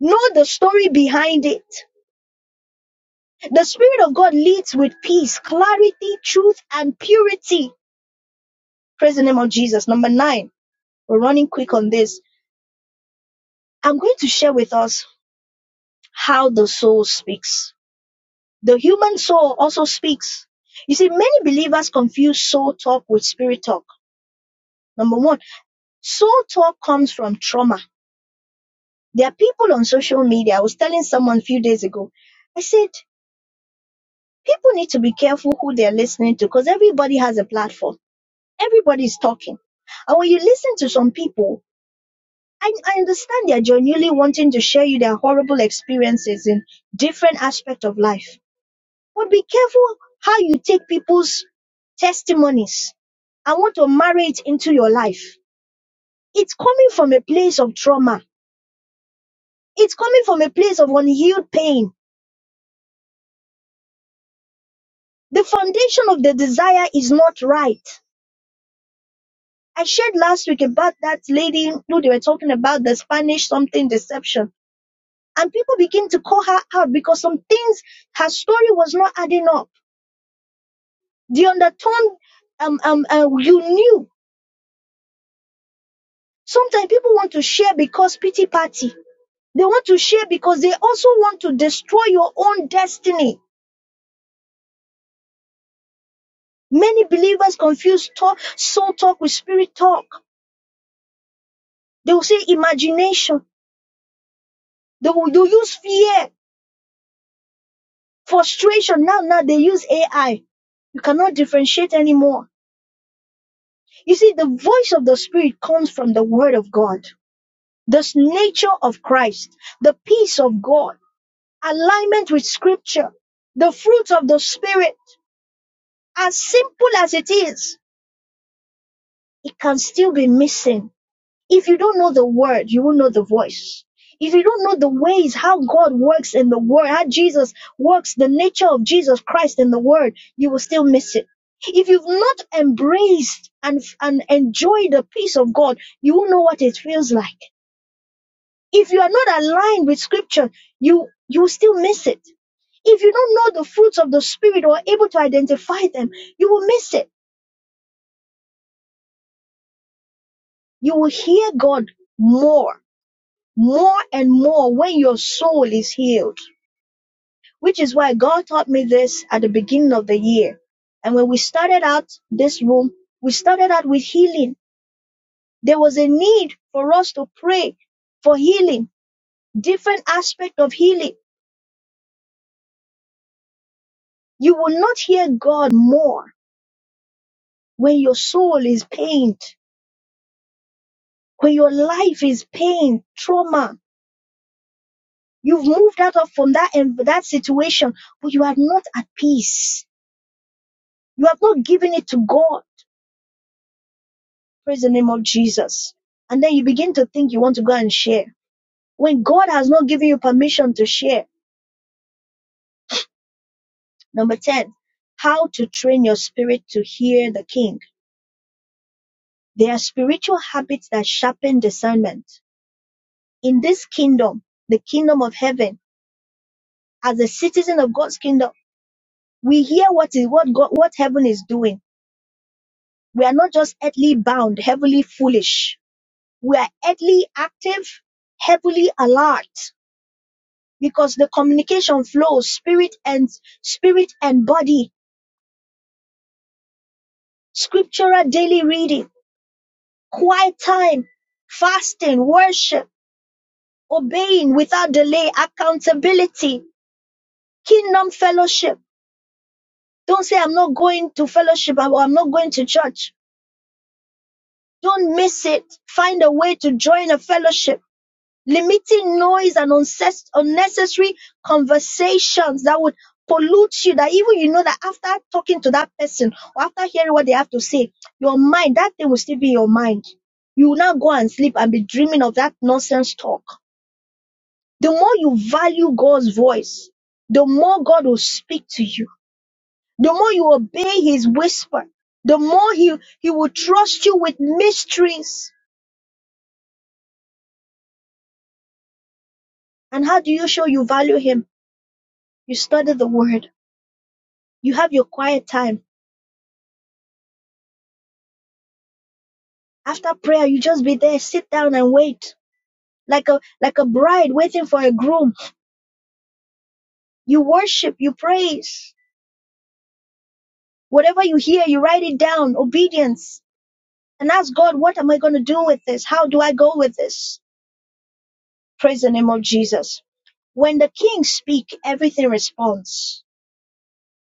Speaker 1: Know the story behind it. The Spirit of God leads with peace, clarity, truth, and purity Praise the name of Jesus. Number nine, we're running quick on this. I'm going to share with us how the soul speaks. The human soul also speaks. You see, many believers confuse soul talk with spirit talk. Number one, soul talk comes from trauma. There are people on social media. I was telling someone a few days ago, I said, people need to be careful who they're listening to because everybody has a platform. Everybody's talking. And when you listen to some people, I, I understand they are genuinely wanting to share you their horrible experiences in different aspects of life. But be careful how you take people's testimonies and want to marry it into your life. It's coming from a place of trauma. It's coming from a place of unhealed pain. The foundation of the desire is not right. I shared last week about that lady who they were talking about the Spanish something deception. And people begin to call her out because some things, her story was not adding up The undertone um, um, uh, you knew. Sometimes people want to share because pity party. They want to share because they also want to destroy your own destiny. Many believers confuse talk, soul talk with spirit talk. They will say imagination. They will they will use fear, frustration. Now, now they use AI. You cannot differentiate anymore. You see, the voice of the spirit comes from the word of God. This nature of Christ, the peace of God alignment with scripture, the fruit of the spirit, as simple as it is, it can still be missing. If you don't know the word, you won't know the voice. If you don't know the ways how God works in the word, how Jesus works, the nature of Jesus Christ in the word, you will still miss it. If you've not embraced and, and enjoyed the peace of God, you won't know what it feels like. If you are not aligned with scripture, you, you will still miss it. If you don't know the fruits of the Spirit or are able to identify them, you will miss it. You will hear God more, more and more when your soul is healed, which is why God taught me this at the beginning of the year. And when we started out this room, we started out with healing. There was a need for us to pray for healing, different aspect of healing. You will not hear God more when your soul is pained, when your life is pain, trauma, You've moved out of from that and that situation, but you are not at peace. You have not given it to God. Praise the name of Jesus. And then you begin to think you want to go and share when God has not given you permission to share. Number 10, how to train your spirit to hear the king. There are spiritual habits that sharpen discernment. In this kingdom, the kingdom of heaven, as a citizen of God's kingdom, we hear what is what God, what heaven is doing. We are not just earthly bound, heavenly foolish. We are early active, heavily alert, because the communication flows spirit and spirit and body, scriptural daily reading, quiet time, fasting, worship, obeying without delay, accountability, kingdom fellowship. Don't say I'm not going to fellowship or I'm not going to church. Don't miss it. Find a way to join a fellowship limiting noise and unces- unnecessary conversations that would pollute you that even you know that after talking to that person or after hearing what they have to say your mind that thing will still be in your mind you will not go and sleep and be dreaming of that nonsense talk the more you value god's voice the more god will speak to you the more you obey his whisper the more he, he will trust you with mysteries and how do you show you value him you study the word You have your quiet time. After prayer, you just be there, sit down and wait. Like a like a bride waiting for a groom. You worship, you praise. Whatever you and that's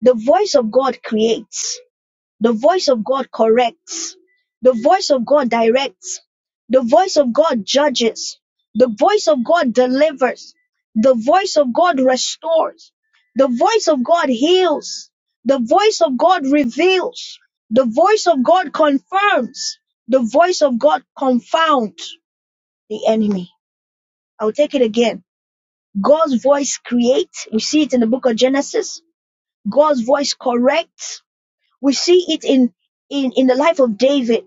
Speaker 1: the voice of God. The voice of God corrects. The voice of God directs. The voice of God judges. The voice of God delivers. The voice of God restores. The voice of God heals. The voice of God reveals. The voice of God confirms. The voice of God confounds the enemy. I'll take it again. God's voice creates. We see it in the book of Genesis. God's voice corrects. We see it in, in, in the life of David.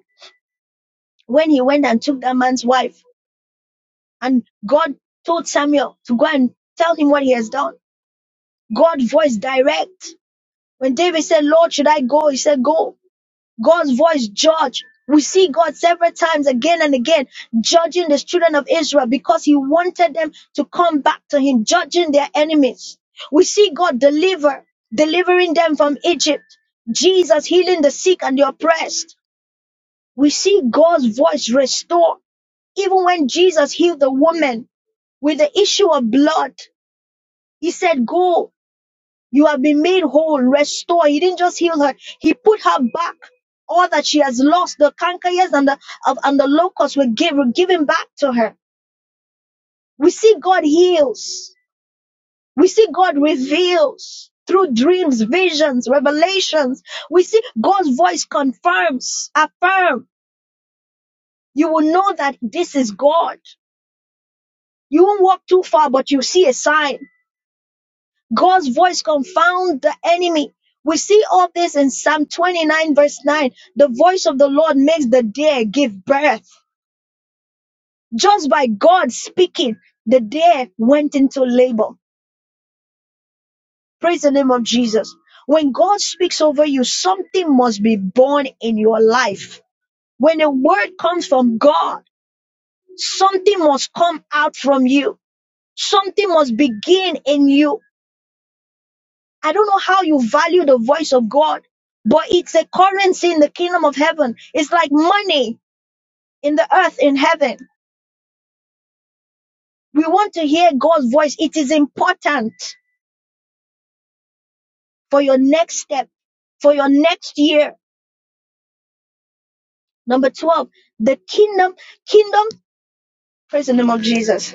Speaker 1: when he went and took that man's wife. And God told Samuel to go and tell him what he has done. God's voice direct. When David said, Lord, should I go? He said, Go. God's voice judge. We see God several times again and again judging the children of Israel because he wanted them to come back to him, judging their enemies. We see God deliver, delivering them from Egypt. Jesus healing the sick and the oppressed. We see God's voice restore. Even when Jesus healed the woman with the issue of blood, he said, Go, you have been made whole, restore. He didn't just heal her, he put her back. All that she has lost, the cankeryears and the of, and the locusts were, give, were given back to her. We see God heals. We see God reveals through dreams, visions, revelations. We see God's voice confirms, affirm. You will know that this is God. You won't walk too far, but you see a sign God's voice confound the enemy. We see all this in Psalm 29, verse 9. The voice of the Lord makes the deer give birth. Just by God speaking, the deer went into labor. Praise the name of Jesus. When God speaks over you, something must be born in your life. When a word comes from God, something must come out from you. Something must begin in you I don't know how you value the voice of God, but it's a currency in the kingdom of heaven. It's like money in the earth, in heaven. We want to hear God's voice. It is important for your next step, for your next year. Number 12, the kingdom, kingdom, praise the name of Jesus.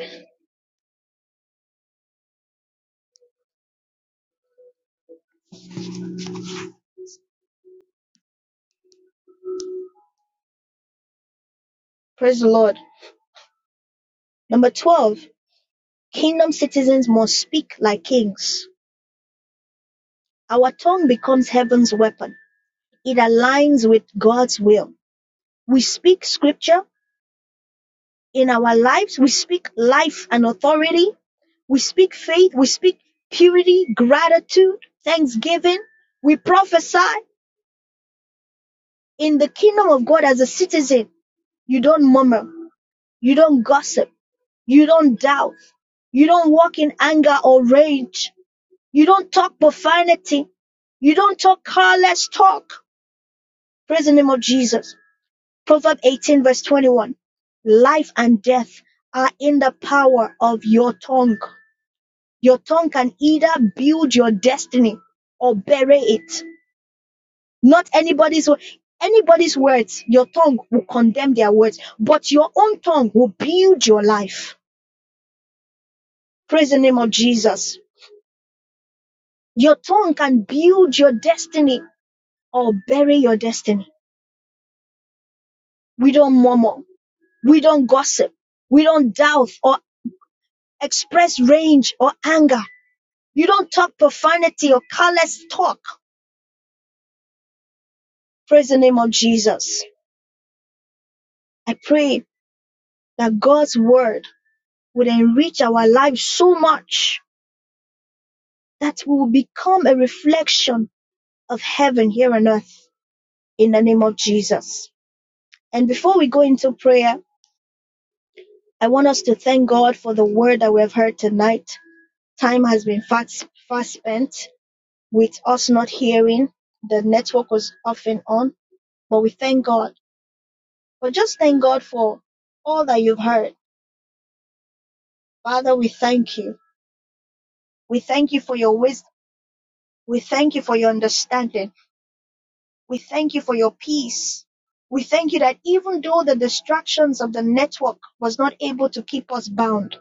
Speaker 1: Praise the Lord. Number 12, kingdom citizens must speak like kings. Our tongue becomes heaven's weapon. It aligns with God's will. We speak scripture In our lives, we speak life and authority. We speak faith. We speak purity, gratitude, thanksgiving. We prophesy in the kingdom of God as a citizen. You don't murmur. You don't gossip. You don't doubt. You don't walk in anger or rage. You don't talk profanity. You don't talk careless talk. Praise the name of Jesus. Proverb 18 verse 21. Life and death are in the power of your tongue. Your tongue can either build your destiny or bury it. Not anybody's anybody's words. Your tongue will condemn their words, but your own tongue will build your life. Praise the name of Jesus. Your tongue can build your destiny or bury your destiny. We don't murmur. We don't gossip. We don't doubt or express rage or anger. You don't talk profanity or careless talk. Praise the name of Jesus. I pray that God's word would enrich our lives so much that we will become a reflection of heaven here on earth in the name of Jesus. And before we go into prayer, I want us to thank God for the word that we have heard tonight. Time has been fast, fast spent with us not hearing. The network was off and on, but we thank God. But just thank God for all that you've heard. Father, we thank you. We thank you for your wisdom. We thank you for your understanding. We thank you for your peace. We thank you that even though the distractions of the network was not able to keep us bound,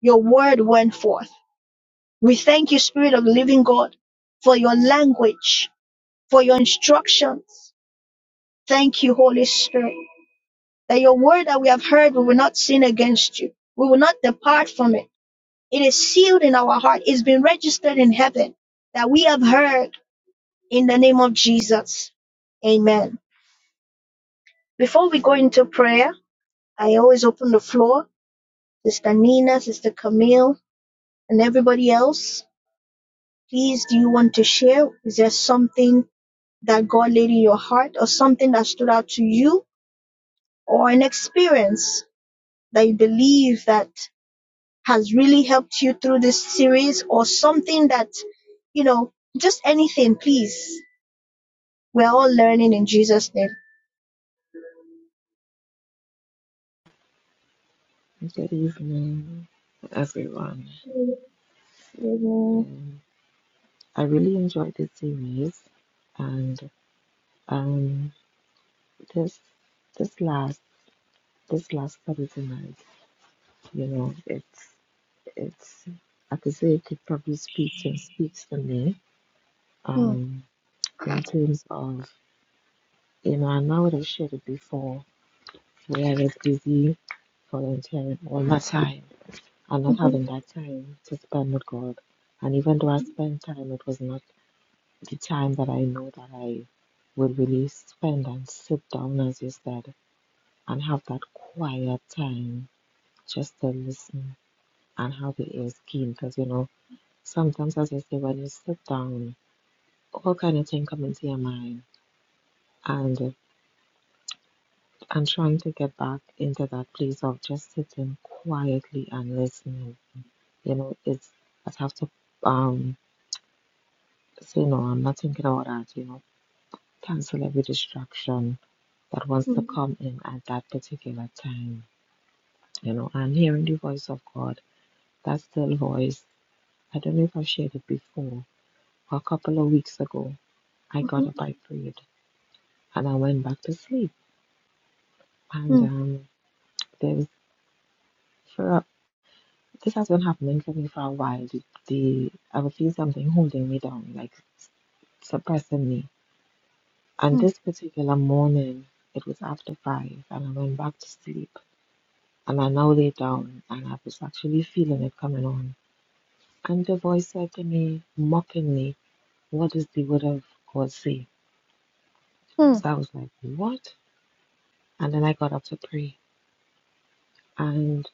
Speaker 1: your word went forth. We thank you, Spirit of the Living God, for your language, for your instructions. Thank you, Holy Spirit, that your word that we have heard, we will not sin against you. We will not depart from it. It is sealed in our heart. It's been registered in heaven that we have heard in the name of Jesus. Amen. Before we go into prayer, I always open the floor. Sister Nina, Sister Camille, and everybody else, please, do you want to share? Is there something that God laid in your heart or something that stood out to you or an experience that you believe that has really helped you through this series or something that, you know, just anything, please. We're all learning in Jesus' name.
Speaker 2: Good evening, everyone. Um, I really enjoyed this series and um this this last this last Saturday night, you know, it's it's I could say it could probably speak to speaks to me.
Speaker 1: Mm,
Speaker 2: Um, in terms of you know, I know what I shared it before where I was busy volunteering all my time and not
Speaker 1: mhm,
Speaker 2: having that time to spend with God. And even though I spent time, it was not the time that I know that I would really spend and sit down, as you said, and have that quiet time just to listen and how the ears keen because you know sometimes as I say when you sit down all kind of thing come into your mind and and trying to get back into that place of just sitting quietly and listening you know it's I'd have to um say no I'm not thinking about that you know cancel every distraction that wants to
Speaker 1: mm,
Speaker 2: come in at that particular time you know and hearing the voice of God that still voice I don't know if I've shared it before a couple of weeks ago, I got
Speaker 1: mhm,
Speaker 2: up, I prayed, and I went back to sleep. And
Speaker 1: mm,
Speaker 2: um, there's for a, this has been happening for me for a while. The, the I would feel something holding me down, like s- suppressing me. And
Speaker 1: mm,
Speaker 2: this particular morning, it was after five, and I went back to sleep. And I now lay down, and I was actually feeling it coming on. And the voice said to me, mocking me, "What does the word of God say?" So I was like, "What?" And then I got up to pray. and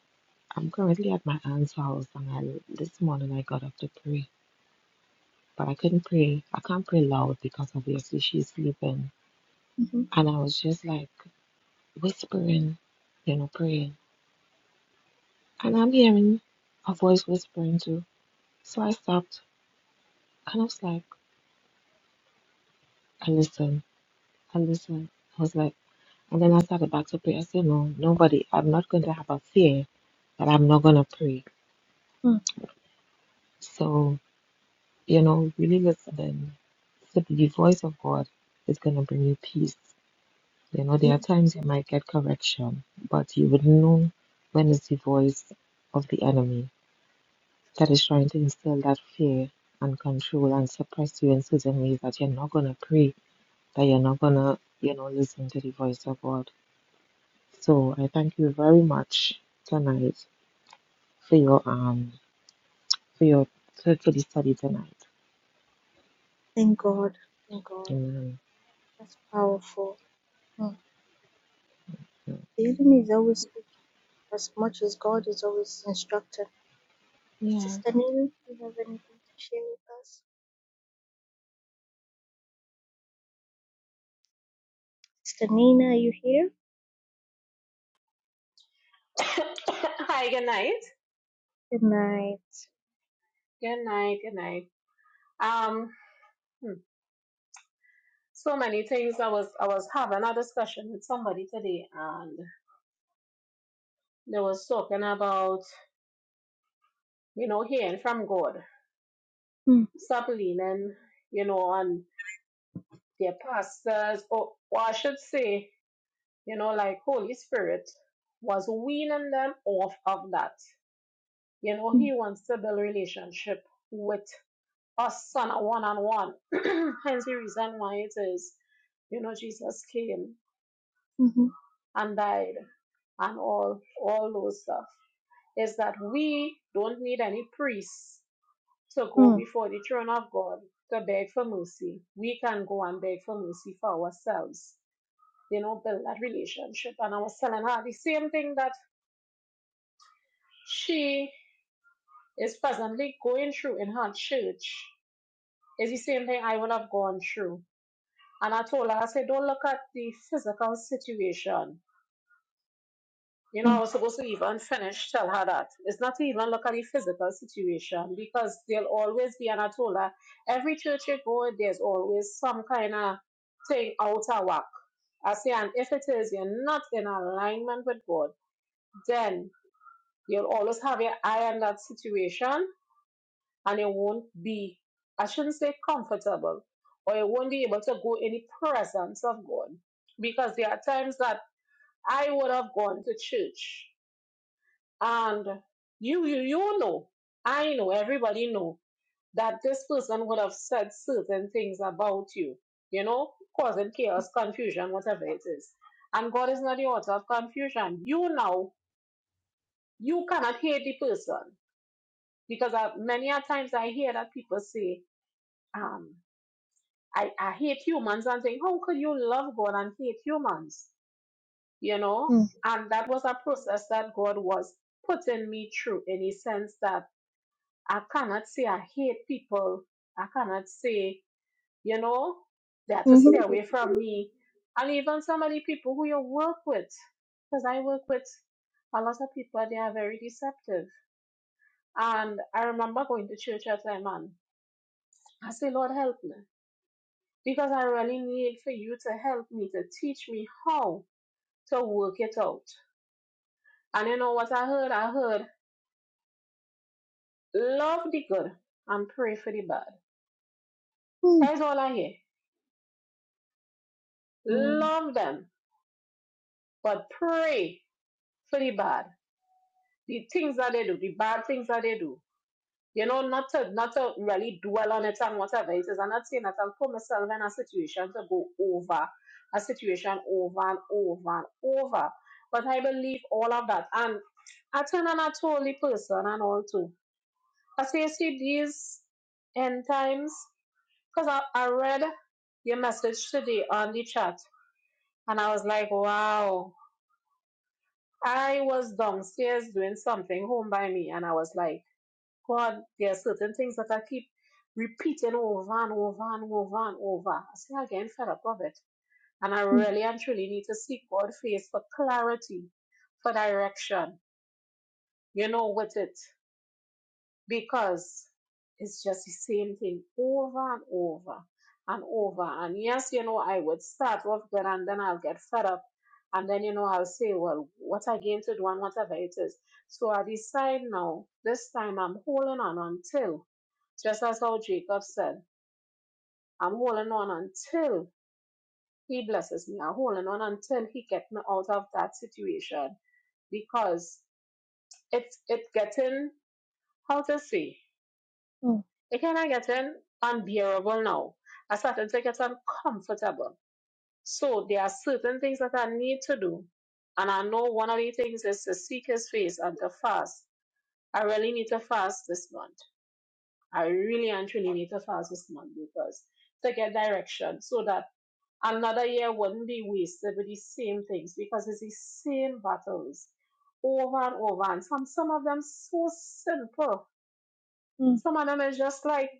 Speaker 2: I'm currently at my aunt's house. And I, this morning I got up to pray, but I couldn't pray. I can't pray loud because obviously she's sleeping.
Speaker 1: mhm,
Speaker 2: And I was just like whispering, you know, praying. And I'm hearing a voice whispering too. So I stopped and I was like, I listen, I listen. I was like, and then I started back to pray. I said, No, nobody, I'm not going to have a fear that I'm not going to pray.
Speaker 1: mm.
Speaker 2: So You know, really listen and so the voice of God is going to bring you peace. You know, there
Speaker 1: Yeah,
Speaker 2: are times you might get correction, but you would know when it's the voice of the enemy that is trying to instill that fear and control and suppress you in certain ways that you're not going to pray, that you're not going to, you know, listen to the voice of God. So I thank you very much tonight for your, um, for your, for for the study tonight.
Speaker 1: thank God. Thank God.
Speaker 2: Amen.
Speaker 1: That's powerful. Mm. The enemy is always speaking as much as God is always instructing.
Speaker 2: Yeah,
Speaker 1: Sister Nina, do you have anything to share with us? Sister
Speaker 3: [COUGHS] Hi, good night. Good night, good night. Um, hmm, so many things. I was I was having a discussion with somebody today, and they was talking about you know hearing from God, stop leaning, you know, on their pastors, or, or I should say you know, like Holy Spirit was weaning them off of that. You know, He
Speaker 1: Mm,
Speaker 3: wants to build relationship with us on a one-on-one. [CLEARS THROAT] Hence the reason why it is, you know, Jesus came
Speaker 1: mhm,
Speaker 3: and died and all all those stuff. Is that we don't need any priests to go
Speaker 1: mm,
Speaker 3: before the throne of God to beg for mercy. We can go and beg for mercy for ourselves. You know, build that relationship. And I was telling her the same thing that she is presently going through in her church is the same thing I would have gone through. And I told her, I said, don't look at the physical situation. You know,
Speaker 1: mm,
Speaker 3: I was supposed to even finish, tell her that. It's not to even look at the physical situation because there'll always be, and I told her, every church you go, there's always some kind of thing out of whack. I say, and if it is you're not in alignment with God, then you'll always have your eye on that situation and you won't be, I shouldn't say comfortable, or you won't be able to go in the presence of God. Because there are times that I would have gone to church and you you you know, I know, everybody know that this person would have said certain things about you, you know, causing chaos, confusion, whatever it is. And God is not the author of confusion. You know, you cannot hate the person. Because I, many a times I hear that people say, um, I, I hate humans and think, how could you love God and hate humans? You know? And that was a process that God was putting me through in a sense that I cannot say I hate people. I cannot say, you know, they have to
Speaker 1: mm,
Speaker 3: stay away from me. And even some of the people who you work with, because I work with a lot of people, they are very deceptive. And I remember going to church at that time and I say, Lord, help me. because I really need for you to help me to teach me how to work it out. And you know what I heard? I heard love the good and pray for the bad.
Speaker 1: mm,
Speaker 3: That's all I hear. Love them, but pray for the bad. The things that they do, the bad things that they do. you know, not to not to really dwell on it and whatever it is. I'm not saying that I'll put myself in a situation to go over a situation over and over and over. But I believe all of that. And I turn on a totally person and all too. I say see these end times because I, I read your message today on the chat and I was like, wow. I was downstairs doing something home by me and I was like God, there are certain things that I keep repeating over and over and over and over. I say I getting fed up of it. And I really and truly need to seek God's face for clarity, for direction, you know, with it because it's just the same thing over and over and over. And yes, you know, I would start off good and then I'll get fed up. And then, you know, I'll say, well, what I came to do and whatever it is. So I decide now, this time I'm holding on until, just as how Jacob said, I'm holding on until he blesses me. I'm holding on until he gets me out of that situation because it's, it getting, how to say, It can are getting unbearable now. I started to get uncomfortable. So there are certain things that I need to do. And I know one of the things is to seek his face and to fast. I really need to fast this month. I really and truly need to fast this month because to get direction so that another year wouldn't be wasted with the same things because it's the same battles over and over. And some some of them so simple. Some of them is just like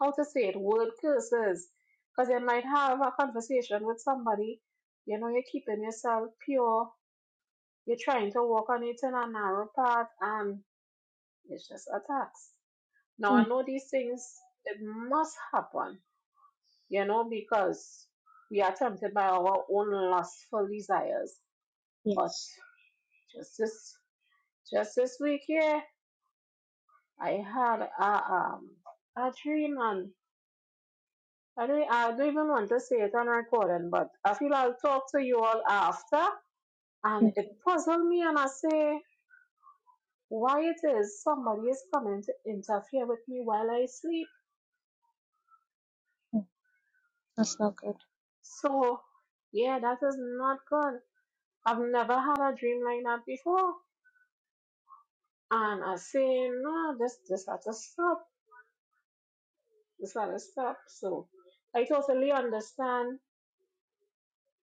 Speaker 3: how to say it, word curses. Because you might have a conversation with somebody, you know, you're keeping yourself pure, you're trying to walk on it in a narrow path, and it's just attacks. Now, I
Speaker 1: mm.
Speaker 3: know these things, it must happen, you know, because we are tempted by our own lustful desires. But
Speaker 1: Yes.
Speaker 3: just this, just this week here, I had a, um, a dream, and I don't, I don't even want to say it on recording, but I feel I'll talk to you all after. And it puzzled me, and I say, why it is somebody is coming to interfere with me while I sleep. So, yeah, that is not good. I've never had a dream like that before. And I say, no, this, this has to stop. This has to stop. So, I totally understand,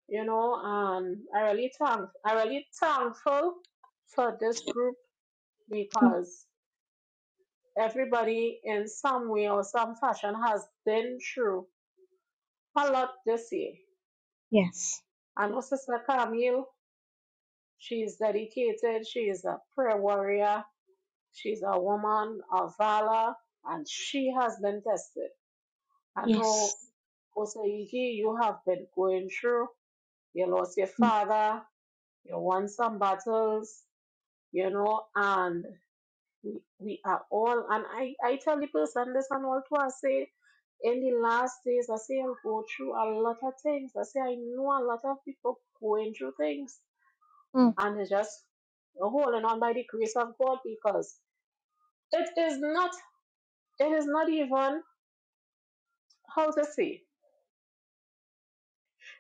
Speaker 3: you know, and I really thank, I really thankful for this group because Everybody in some way or some fashion has been through a lot this year. I know Sister Camille, she's dedicated, she is a prayer warrior, she's a woman of valor, and she has been tested. I know Osaigi, you have been going through, you lost your father, you won some battles, you know, and We, we are all, and I, I tell the person this and all too. I say, in the last days, I say, I'll go through a lot of things. I say, I know a lot of people going through things, and they're just holding on by the grace of God because it is not, it is not even how to say.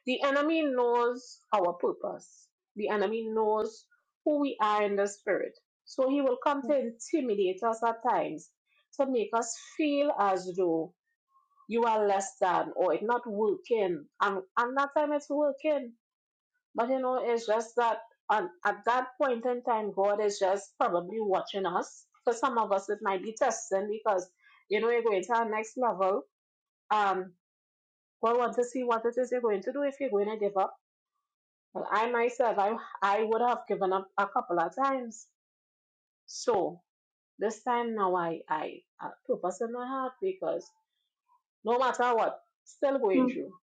Speaker 3: The enemy knows our purpose. The enemy knows who we are in the spirit. So he will come to intimidate us at times to make us feel as though you are less than or it's not working. And and that time it's working. But you know, it's just that and at that point in time, God is just probably watching us. For some of us, it might be testing because you know you're going to our next level. Um, God wants to see what it is you're going to do if you're going to give up. Well, I myself, I I would have given up a couple of times. So this time now, I I, I purpose in my heart because no matter what, still going through.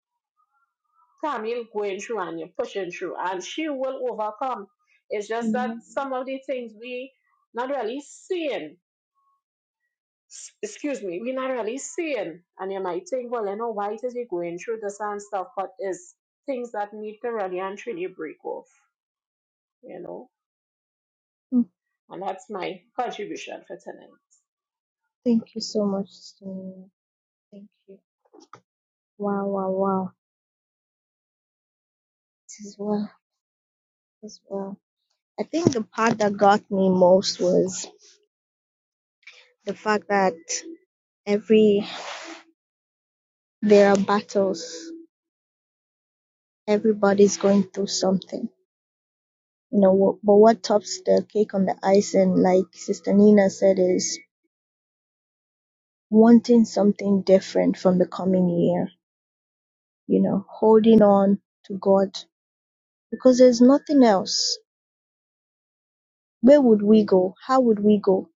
Speaker 3: Camille going through and you're pushing through, and she will overcome. It's just that some of the things we not really seeing. S- Excuse me, we're not really seeing. And you might think, well, you know, why is he going through this and stuff? But it's things that need to really and truly break off, you know.
Speaker 1: Mm,
Speaker 3: And that's my contribution for tonight.
Speaker 1: Thank you so much, Sister Nina. Thank you. Wow, wow, wow. It is well. It is well. I think the part that got me most was the fact that every there are battles. Everybody's going through something you know wh- but what tops the cake on the icing like sister nina said is wanting something different from the coming year you know holding on to god because there's nothing else where would we go how would we go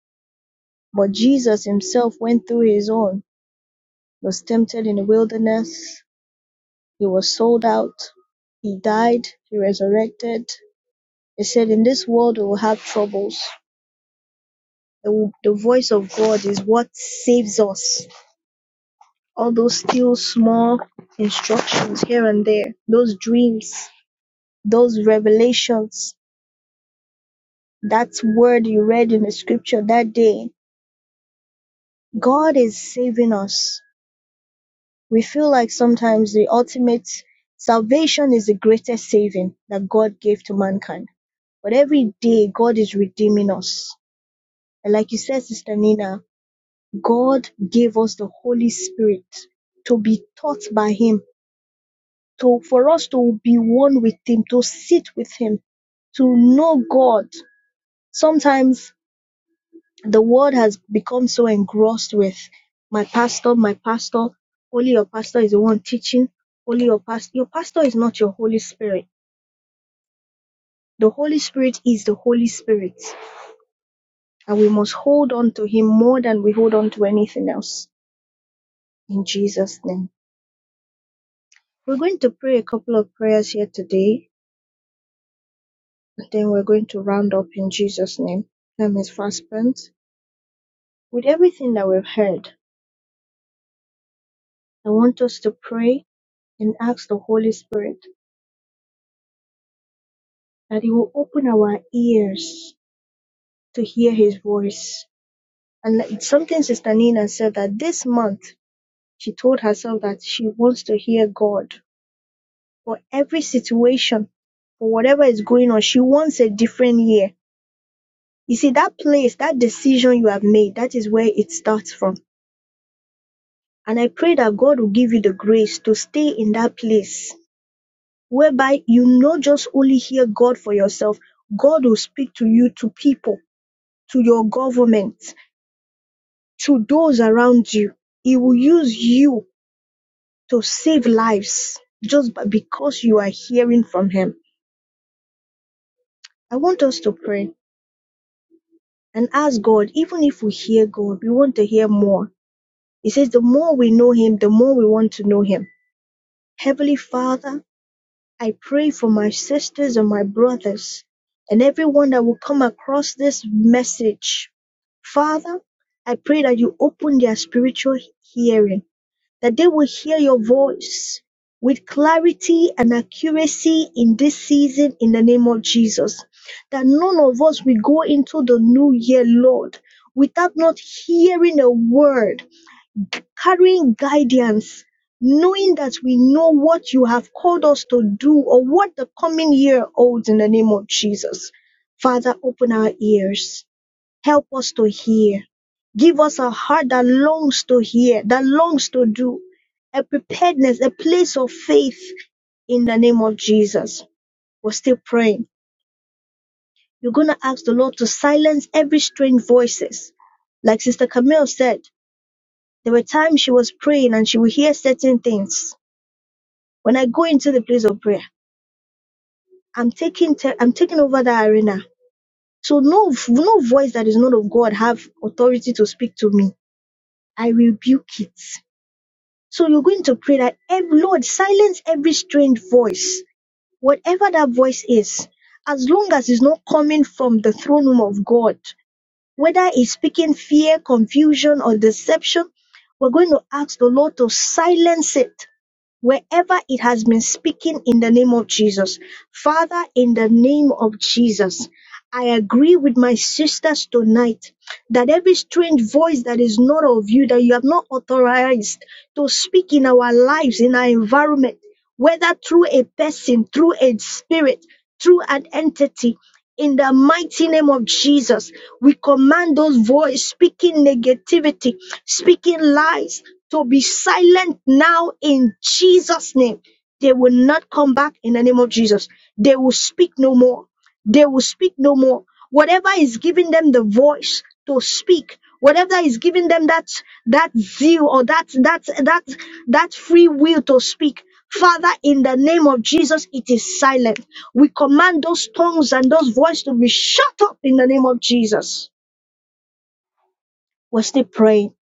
Speaker 1: but jesus himself went through his own was tempted in the wilderness he was sold out he died he resurrected he said in this world we will have troubles the, the voice of god is what saves us All those still small instructions here and there, those dreams, those revelations, that word you read in the scripture that day, God is saving us. We feel like sometimes the ultimate salvation is the greatest saving that God gave to mankind. But every day, God is redeeming us. And like you said, Sister Nina, God gave us the Holy Spirit to be taught by Him to for us to be one with him to sit with him to know god sometimes the world has become so engrossed with my pastor my pastor only your pastor is the one teaching only your pastor your pastor is not your holy spirit the holy spirit is the holy spirit and we must hold on to him more than we hold on to anything else in jesus name we're going to pray a couple of prayers here today and then we're going to round up in jesus name time is fast spent With everything that we've heard, I want us to pray and ask the Holy Spirit that He will open our ears to hear His voice. And like- it's something Sister Nina said that this month she told herself that she wants to hear God for every situation, for whatever is going on. She wants a different year. You see, that place, that decision you have made, that is where it starts from. And I pray that God will give you the grace to stay in that place whereby you not just only hear God for yourself, God will speak to you, to people, to your government, to those around you. He will use you to save lives just by- because you are hearing from Him. I want us to pray and ask God, even if we hear God, we want to hear more. He says, the more we know Him, the more we want to know Him. Heavenly Father, I pray for my sisters and my brothers and everyone that will come across this message Father, I pray that you open their spiritual hearing, that they will hear your voice with clarity and accuracy in this season in the name of Jesus. That none of us will go into the new year, Lord, without not hearing a word, carrying guidance, knowing that we know what you have called us to do or what the coming year holds in the name of Jesus. Father, open our ears Help us to hear. Give us a heart that longs to hear, that longs to do, a preparedness, a place of faith in the name of Jesus. We're still praying. You're going to ask the Lord to silence every strange voices. Like Sister Camille said, there were times she was praying and she would hear certain things. When I go into the place of prayer, I'm taking, te- I'm taking over that arena. So no, no voice that is not of God have authority to speak to me. I rebuke it. So you're going to pray that, "Ev- Lord, silence every strange voice, whatever that voice is, as long as it's not coming from the throne room of God, whether it's speaking fear, confusion, or deception, we're going to ask the Lord to silence it Wherever it has been speaking in the name of Jesus. Father, in the name of Jesus, I agree with my sisters tonight that every strange voice that is not of you, that you have not authorized to speak in our lives, in our environment, whether through a person, through a spirit, through an entity. In the mighty name of Jesus, we command those voices speaking negativity, speaking lies to be silent now in Jesus' name. They will not come back in the name of Jesus. They will speak no more. They will speak no more. Whatever is giving them the voice to speak, whatever is giving them that that zeal or that that that that free will to speak. Father, in the name of Jesus, it is silent. We command those tongues and those voices to be shut up in the name of Jesus. We're still praying.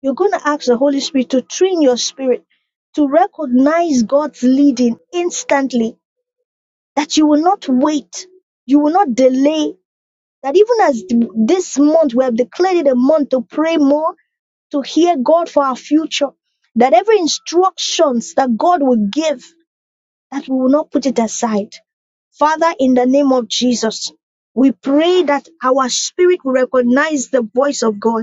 Speaker 1: You're going to ask the Holy Spirit to train your spirit to recognize God's leading instantly, that you will not wait, you will not delay, that even as th- this month we have declared it a month to pray more, to hear God for our future, that every instructions that God will give, that we will not put it aside. Father, in the name of Jesus, we pray that our spirit will recognize the voice of God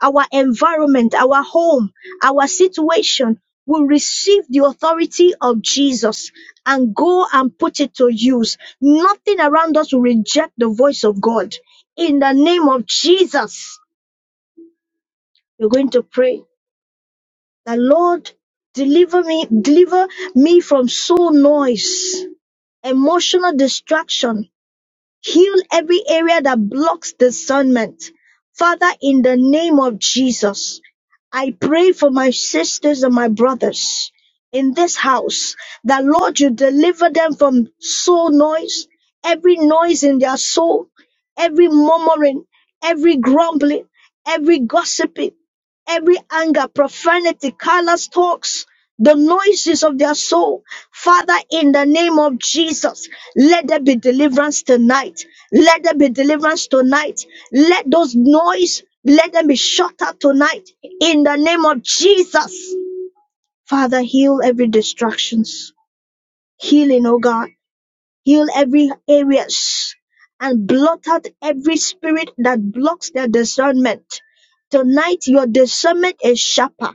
Speaker 1: our environment, our home, our situation will receive the authority of Jesus and go and put it to use. Nothing around us will reject the voice of God. In the name of Jesus, you are going to pray that Lord, deliver me, deliver me from soul noise, emotional distraction, Heal every area that blocks discernment. Father, in the name of Jesus, I pray for my sisters and my brothers in this house that, Lord, you deliver them from soul noise, every noise in their soul, every murmuring, every grumbling, every gossiping, every anger, profanity, callous talks the noises of their soul. Father, in the name of Jesus, let there be deliverance tonight. Let there be deliverance tonight. Let those noise, let them be shut up tonight. In the name of Jesus. Father, heal every distractions. Healing, oh God heal every areas and blot out every spirit that blocks their discernment. Tonight, your discernment is sharper.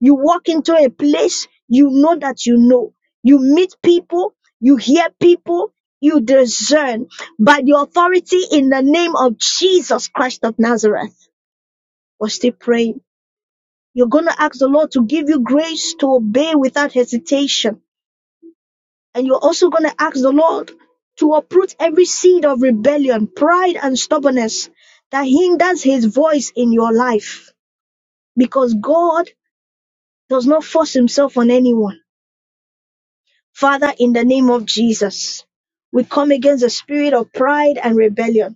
Speaker 1: You walk into a place you know that you know. You meet people, you hear people, you discern by the authority in the name of Jesus Christ of Nazareth. We're still praying. You're going to ask the Lord to give you grace to obey without hesitation and you're also going to ask the Lord to uproot every seed of rebellion, pride, and stubbornness that hinders his voice in your life. Because God does not force himself on anyone. Father, in the name of Jesus, we come against the spirit of pride and rebellion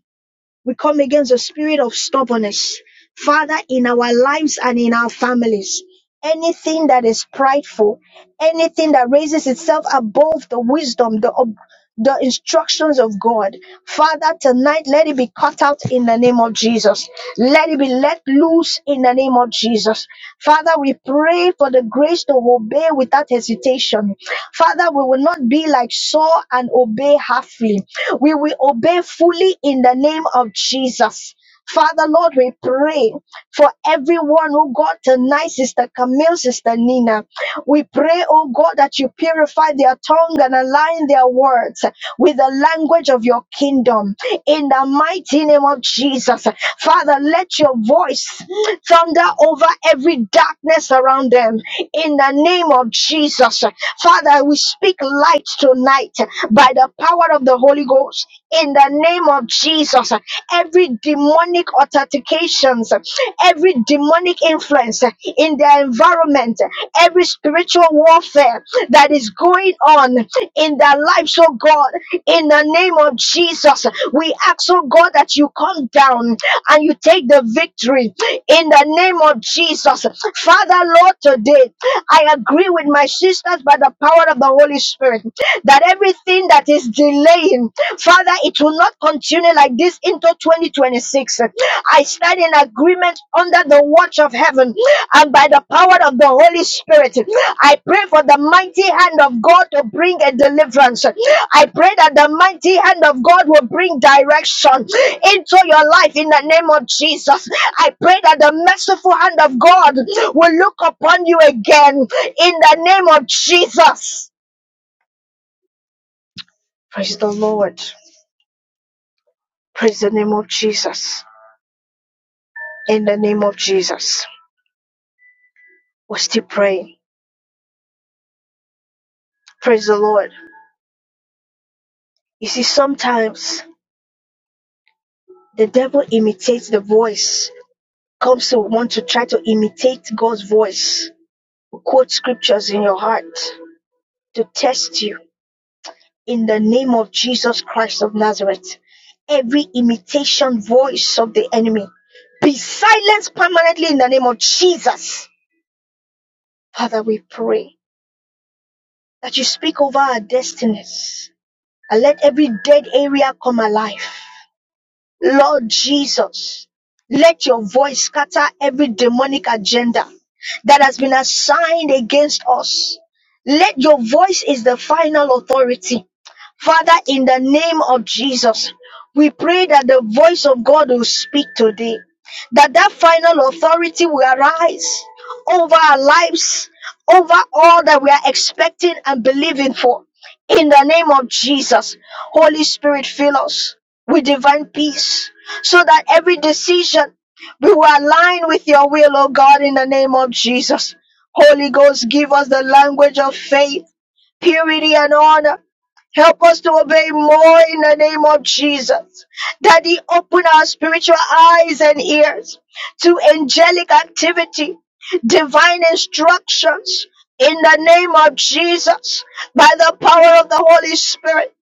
Speaker 1: We come against the spirit of stubbornness. Father, in our lives and in our families, anything that is prideful, anything that raises itself above the wisdom, the, ob- the instructions of God, Father, tonight let it be cut out in the name of Jesus. Let it be let loose in the name of Jesus. Father, we pray for the grace to obey without hesitation. Father, we will not be like Saul and obey halfly. We will obey fully in the name of Jesus. Father, Lord, we pray for everyone, oh God, tonight, Sister Camille, Sister Nina. We pray, oh God, that you purify their tongue and align their words with the language of your kingdom. In the mighty name of Jesus, Father, let your voice thunder over every darkness around them in the name of Jesus. Father, we speak light tonight by the power of the Holy Ghost in the name of Jesus. Every demonic authentications, every demonic influence in their environment, every spiritual warfare that is going on in their lives, oh God. In the name of Jesus, we ask, oh God, that you come down and you take the victory. In the name of Jesus, Father, Lord, today I agree with my sisters by the power of the Holy Spirit that everything that is delaying, Father, it will not continue like this into 2026. I stand in agreement under the watch of heaven and by the power of the Holy Spirit. I pray for the mighty hand of God to bring a deliverance. I pray that the mighty hand of God will bring direction into your life in the name of Jesus. I pray that the merciful hand of God will look upon you again in the name of Jesus. Praise the Lord. Praise the name of Jesus. In the name of Jesus. We're still praying. Praise the Lord. You see, sometimes The devil imitates the voice, comes to want to try to imitate God's voice, quote scriptures in your heart, to test you. In the name of Jesus Christ of Nazareth, every imitation voice of the enemy be silenced permanently in the name of Jesus. Father, we pray that you speak over our destinies and let every dead area come alive. Lord Jesus, let your voice scatter every demonic agenda that has been assigned against us. Let your voice is the final authority. Father, in the name of Jesus, we pray that the voice of God will speak today, that that final authority will arise over our lives, over all that we are expecting and believing for. In the name of Jesus, Holy Spirit, fill us with divine peace so that every decision we will align with your will, O God, in the name of Jesus. Holy Ghost, give us the language of faith, purity, and honor. Help us to obey more in the name of Jesus. Daddy, open our spiritual eyes and ears to angelic activity, divine instructions in the name of Jesus by the power of the Holy Spirit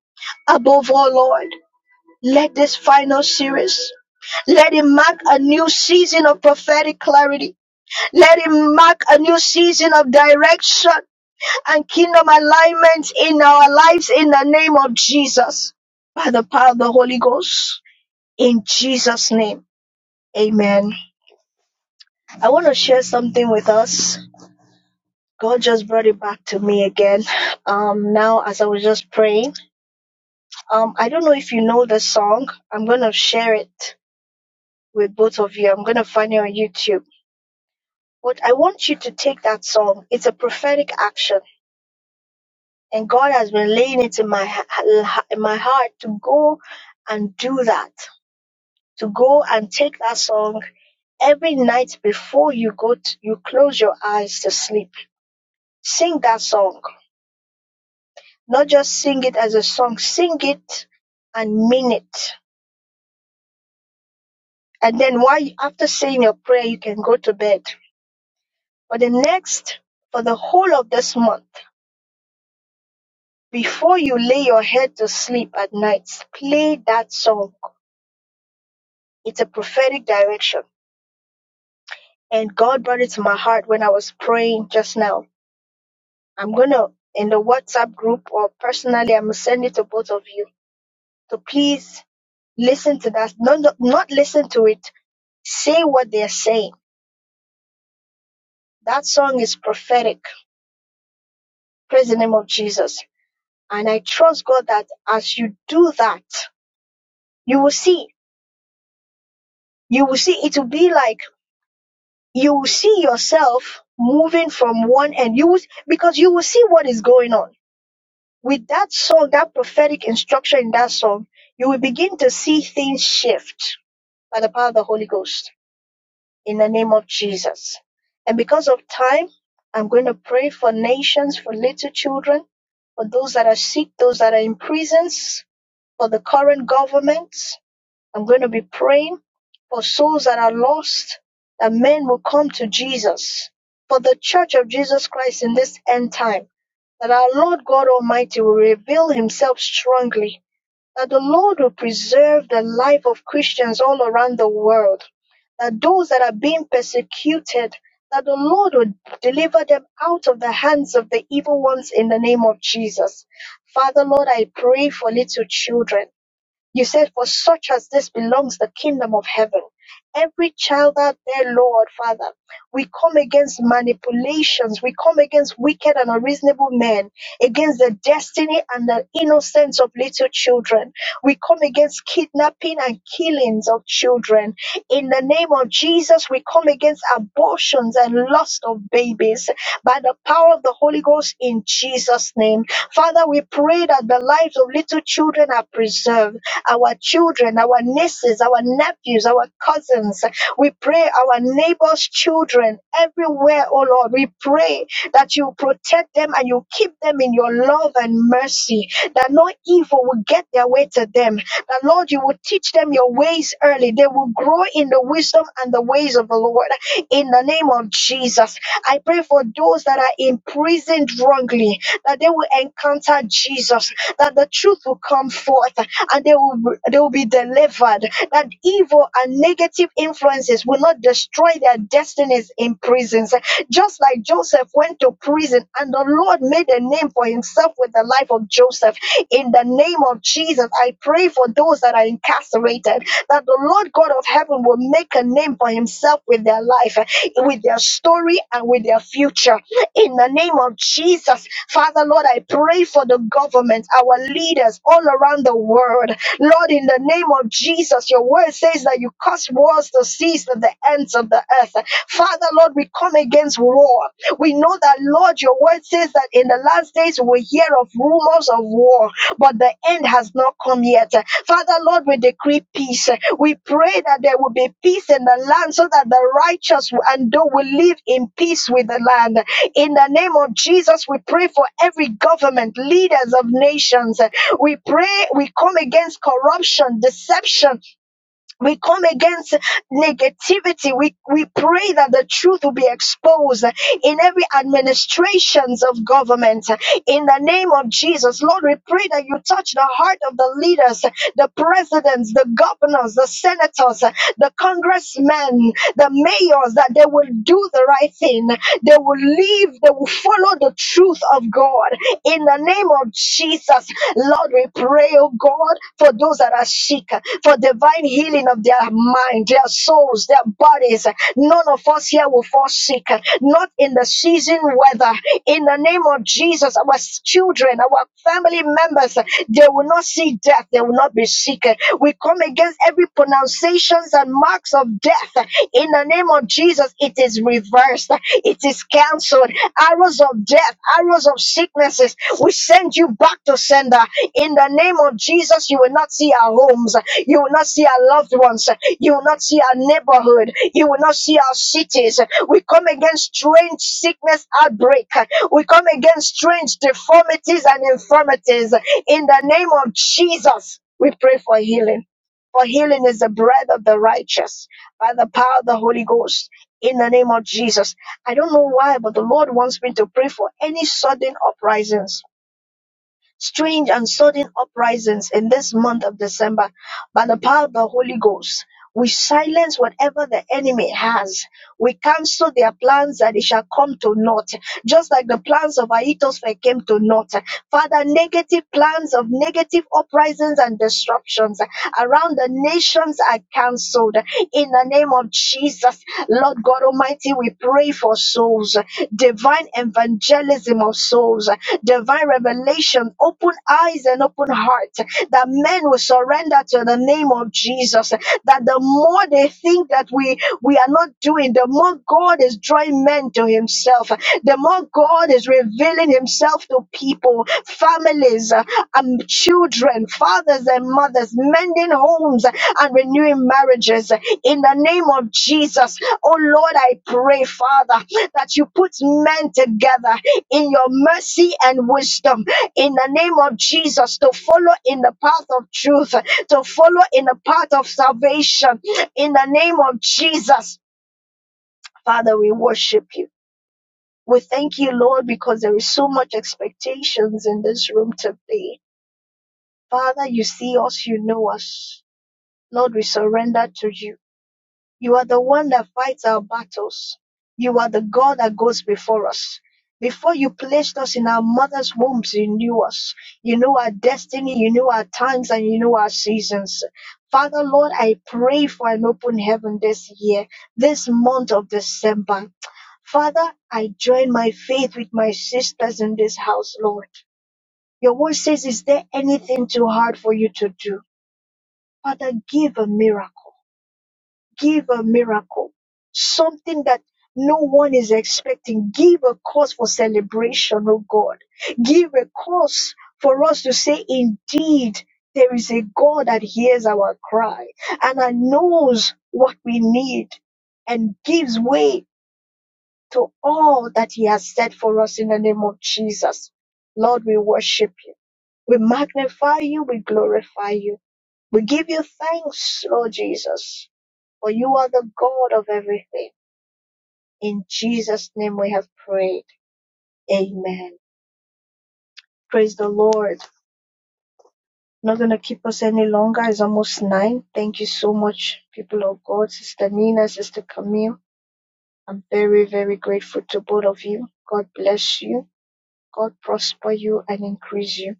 Speaker 1: above all, Lord. Let this final series let it mark a new season of prophetic clarity. Let it mark a new season of direction and kingdom alignment in our lives in the name of Jesus. By the power of the Holy Ghost. In Jesus' name. Amen. I want to share something with us. God just brought it back to me again. Um, now as I was just praying. Um, I don't know if you know the song. I'm gonna share it with both of you. I'm gonna find it on YouTube But I want you to take that song. It's a prophetic action, and God has been laying it in my ha- in my heart to go and do that. To go and take that song every night before you go to, you close your eyes to sleep. Sing that song. Not just sing it as a song. Sing it and mean it. And then while you, after saying your prayer, you can go to bed. for the next for the whole of this month. Before you lay your head to sleep at night, play that song. It's a prophetic direction. And God brought it to my heart when I was praying just now. I'm going to, in the WhatsApp group or personally, I'm going to send it to both of you. So please listen to that. No, no, not listen to it. Say what they're saying. That song is prophetic. Praise the name of Jesus. And I trust God that as you do that, you will see. You will see. It will be like, you will see yourself moving from one end. You will, because you will see what is going on. With that song, that prophetic instruction in that song, you will begin to see things shift by the power of the Holy Ghost in the name of Jesus. And because of time, I'm going to pray for nations, for little children, for those that are sick, those that are in prisons, for the current government. I'm going to be praying for souls that are lost, that men will come to Jesus, for the church of Jesus Christ in this end time, that our Lord God Almighty will reveal himself strongly, that the Lord will preserve the life of Christians all around the world, that those that are being persecuted, that the Lord will deliver them out of the hands of the evil ones in the name of Jesus. Father, Lord, I pray for little children. You said, For such as this belongs the kingdom of heaven. Every child out there, Lord, Father, we come against manipulations. We come against wicked and unreasonable men, against the destiny and the innocence of little children. We come against kidnapping and killings of children. In the name of Jesus, we come against abortions and lust of babies by the power of the Holy Ghost in Jesus' name. Father, we pray that the lives of little children are preserved our children, our nieces, our nephews, our cousins. We pray our neighbors' children everywhere, oh Lord. We pray that you protect them and you keep them in your love and mercy, that no evil will get their way to them. That, Lord, you will teach them your ways early. They will grow in the wisdom and the ways of the Lord. In the name of Jesus, I pray for those that are imprisoned wrongly, that they will encounter Jesus, that the truth will come forth, and they will they will be delivered. That evil and negative influences will not destroy their destinies in prisons. Just like Joseph went to prison and the Lord made a name for himself with the life of Joseph. In the name of Jesus, I pray for those that are incarcerated that the Lord God of heaven will make a name for himself with their life, with their story, and with their future in the name of Jesus. Father, Lord, I pray for the government, our leaders all around the world. Lord, in the name of Jesus, your word says that you cause wars to cease at the ends of the earth. Father, Lord, we come against war. We know that, Lord, your word says that in the last days we will hear of rumors of war, but the end has not come yet. Father, Lord, we decree peace. We pray that there will be peace in the land so that the righteous and those will live in peace with the land. In the name of Jesus, we pray for every government, leaders of nations. We pray, we come against corruption, deception. We come against negativity. We, we pray that the truth will be exposed in every administrations of government. In the name of Jesus, Lord, we pray that you touch the heart of the leaders, the presidents, the governors, the senators, the congressmen, the mayors, that they will do the right thing. They will lead believe they will follow the truth of God in the name of Jesus. Lord, we pray, oh God, for those that are sick, for divine healing of their mind, their souls, their bodies. None of us here will fall sick, not in the season weather. In the name of Jesus, our children, our family members, they will not see death, they will not be sick. We come against every pronunciations and marks of death in the name of Jesus, it is reversed. It is canceled. Arrows of death, arrows of sicknesses, we send you back to sender. In the name of Jesus, you will not see our homes. You will not see our loved ones. You will not see our neighborhood. You will not see our cities. We come against strange sickness outbreak. We come against strange deformities and infirmities. In the name of Jesus, we pray for healing. For healing is the bread of the righteous by the power of the Holy Ghost in the name of Jesus. I don't know why, but the Lord wants me to pray for any sudden uprisings, strange and sudden uprisings in this month of December by the power of the Holy Ghost. We silence whatever the enemy has. We cancel their plans and it shall come to naught. Just like the plans of Ahithophel came to naught. Father, negative plans of negative uprisings and disruptions around the nations are cancelled. In the name of Jesus, Lord God Almighty, we pray for souls, divine evangelism of souls, divine revelation, open eyes and open heart, that men will surrender to the name of Jesus. That the more they think that we we are not doing, the more God is drawing men to Himself, the more God is revealing Himself to people, families, uh, um, children, fathers and mothers, mending homes uh, and renewing marriages. In the name of Jesus, oh Lord, I pray, Father, that you put men together in your mercy and wisdom. In the name of Jesus, to follow in the path of truth, to follow in the path of salvation in the name of Jesus, Father, we worship you. We thank you, Lord, because there is so much expectations in this room today. Father, you see us, you know us. Lord, we surrender to you. You are the one that fights our battles. You are the God that goes before us. Before you placed us in our mother's wombs, you knew us. You know our destiny, you know our times, and you know our seasons. Father, Lord, I pray for an open heaven this year, this month of December. Father, I join my faith with my sisters in this house, Lord. Your word says, Is there anything too hard for you to do? Father, give a miracle. Give a miracle, something that no one is expecting. Give a cause for celebration, oh God. Give a cause for us to say, indeed, there is a God that hears our cry and that knows what we need and gives way to all that He has said for us in the name of Jesus. Lord, we worship you. We magnify you. We glorify you. We give you thanks, Lord Jesus. For you are the God of everything. In Jesus' name we have prayed. Amen. Praise the Lord. Not going to keep us any longer. It's almost nine. Thank you so much, people of God, Sister Nina, Sister Camille. I'm very, very grateful to both of you. God bless you. God prosper you and increase you.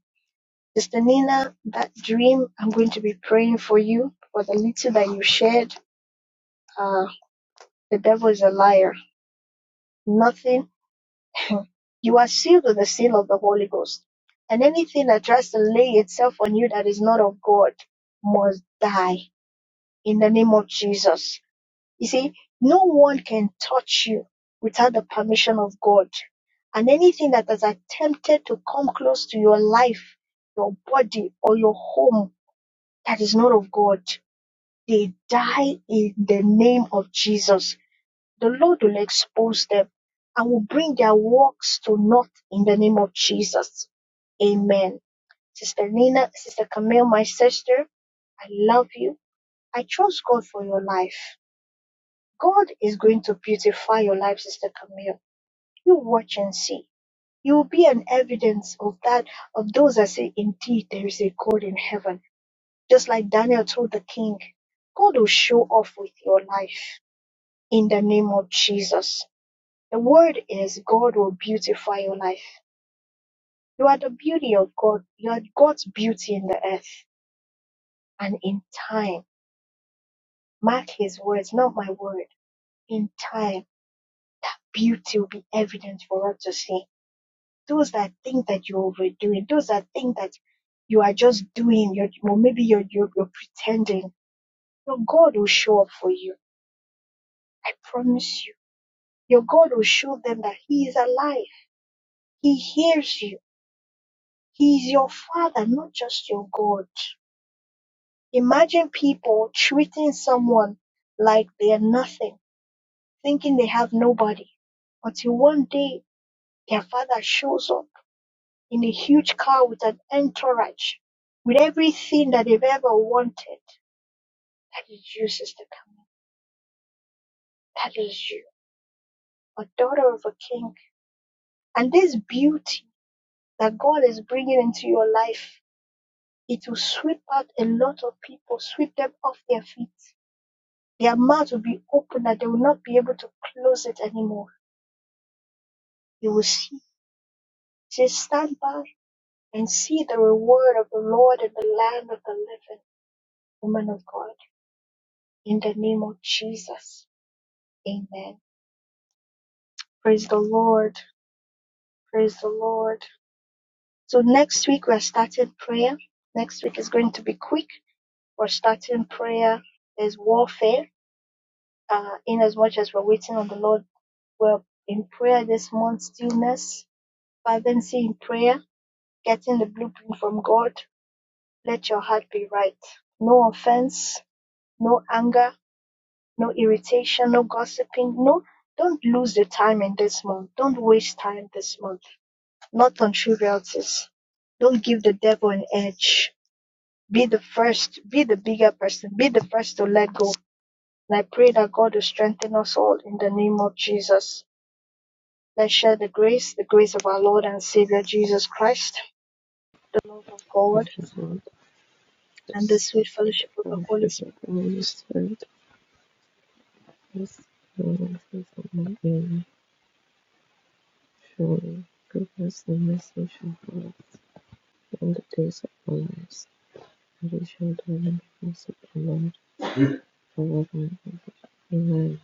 Speaker 1: Sister Nina, that dream, I'm going to be praying for you for the little that you shared. Uh, the devil is a liar. Nothing You are sealed with the seal of the Holy Ghost. And anything that tries to lay itself on you that is not of God must die in the name of Jesus. You see, no one can touch you without the permission of God. And anything that has attempted to come close to your life, your body, or your home that is not of God, they die in the name of Jesus. The Lord will expose them and will bring their works to naught in the name of Jesus. Amen. Sister Nina, Sister Camille, my sister, I love you. I trust God for your life. God is going to beautify your life, Sister Camille. You watch and see. You will be an evidence of that, of those that say, indeed, there is a God in heaven. Just like Daniel told the king, God will show off with your life in the name of Jesus. The word is God will beautify your life. You are the beauty of God. You are God's beauty in the earth. And in time, mark his words, not my word. In time, that beauty will be evident for us to see. Those that think that you're overdoing, those that think that you are just doing, you're, or maybe you're, you're, you're pretending, your God will show up for you. I promise you. Your God will show them that he is alive. He hears you. He is your father, not just your God. Imagine people treating someone like they're nothing, thinking they have nobody, until one day their father shows up in a huge car with an entourage, with everything that they've ever wanted. That is you, Sister Camille. That is you, a daughter of a king. And this beauty that God is bringing into your life, it will sweep out a lot of people, sweep them off their feet. Their mouth will be open that they will not be able to close it anymore You will see, just stand by and see the reward of the Lord in the land of the living, woman of God. In the name of Jesus. Amen. Praise the Lord. Praise the Lord. So next week we're starting prayer. Next week is going to be quick. We're starting prayer. There's warfare. Uh, in as much as we're waiting on the Lord, we're in prayer this month, stillness, fervency in prayer, getting the blueprint from God, Let your heart be right. No offense, no anger, no irritation, no gossiping. No, don't lose the time in this month. Don't waste time this month. Not on trivialities. Don't give the devil an edge. Be the first, be the bigger person, be the first to let go. And I pray that God will strengthen us all in the name of Jesus. Let's share the grace, the grace of our Lord and Savior Jesus Christ, the love of
Speaker 2: this
Speaker 1: God,
Speaker 2: is all.
Speaker 1: and the sweet fellowship of the Holy
Speaker 2: Township
Speaker 1: Spirit
Speaker 2: administered its finances among its shore groups in message boards and displays, additional dynamic music, and overall environment.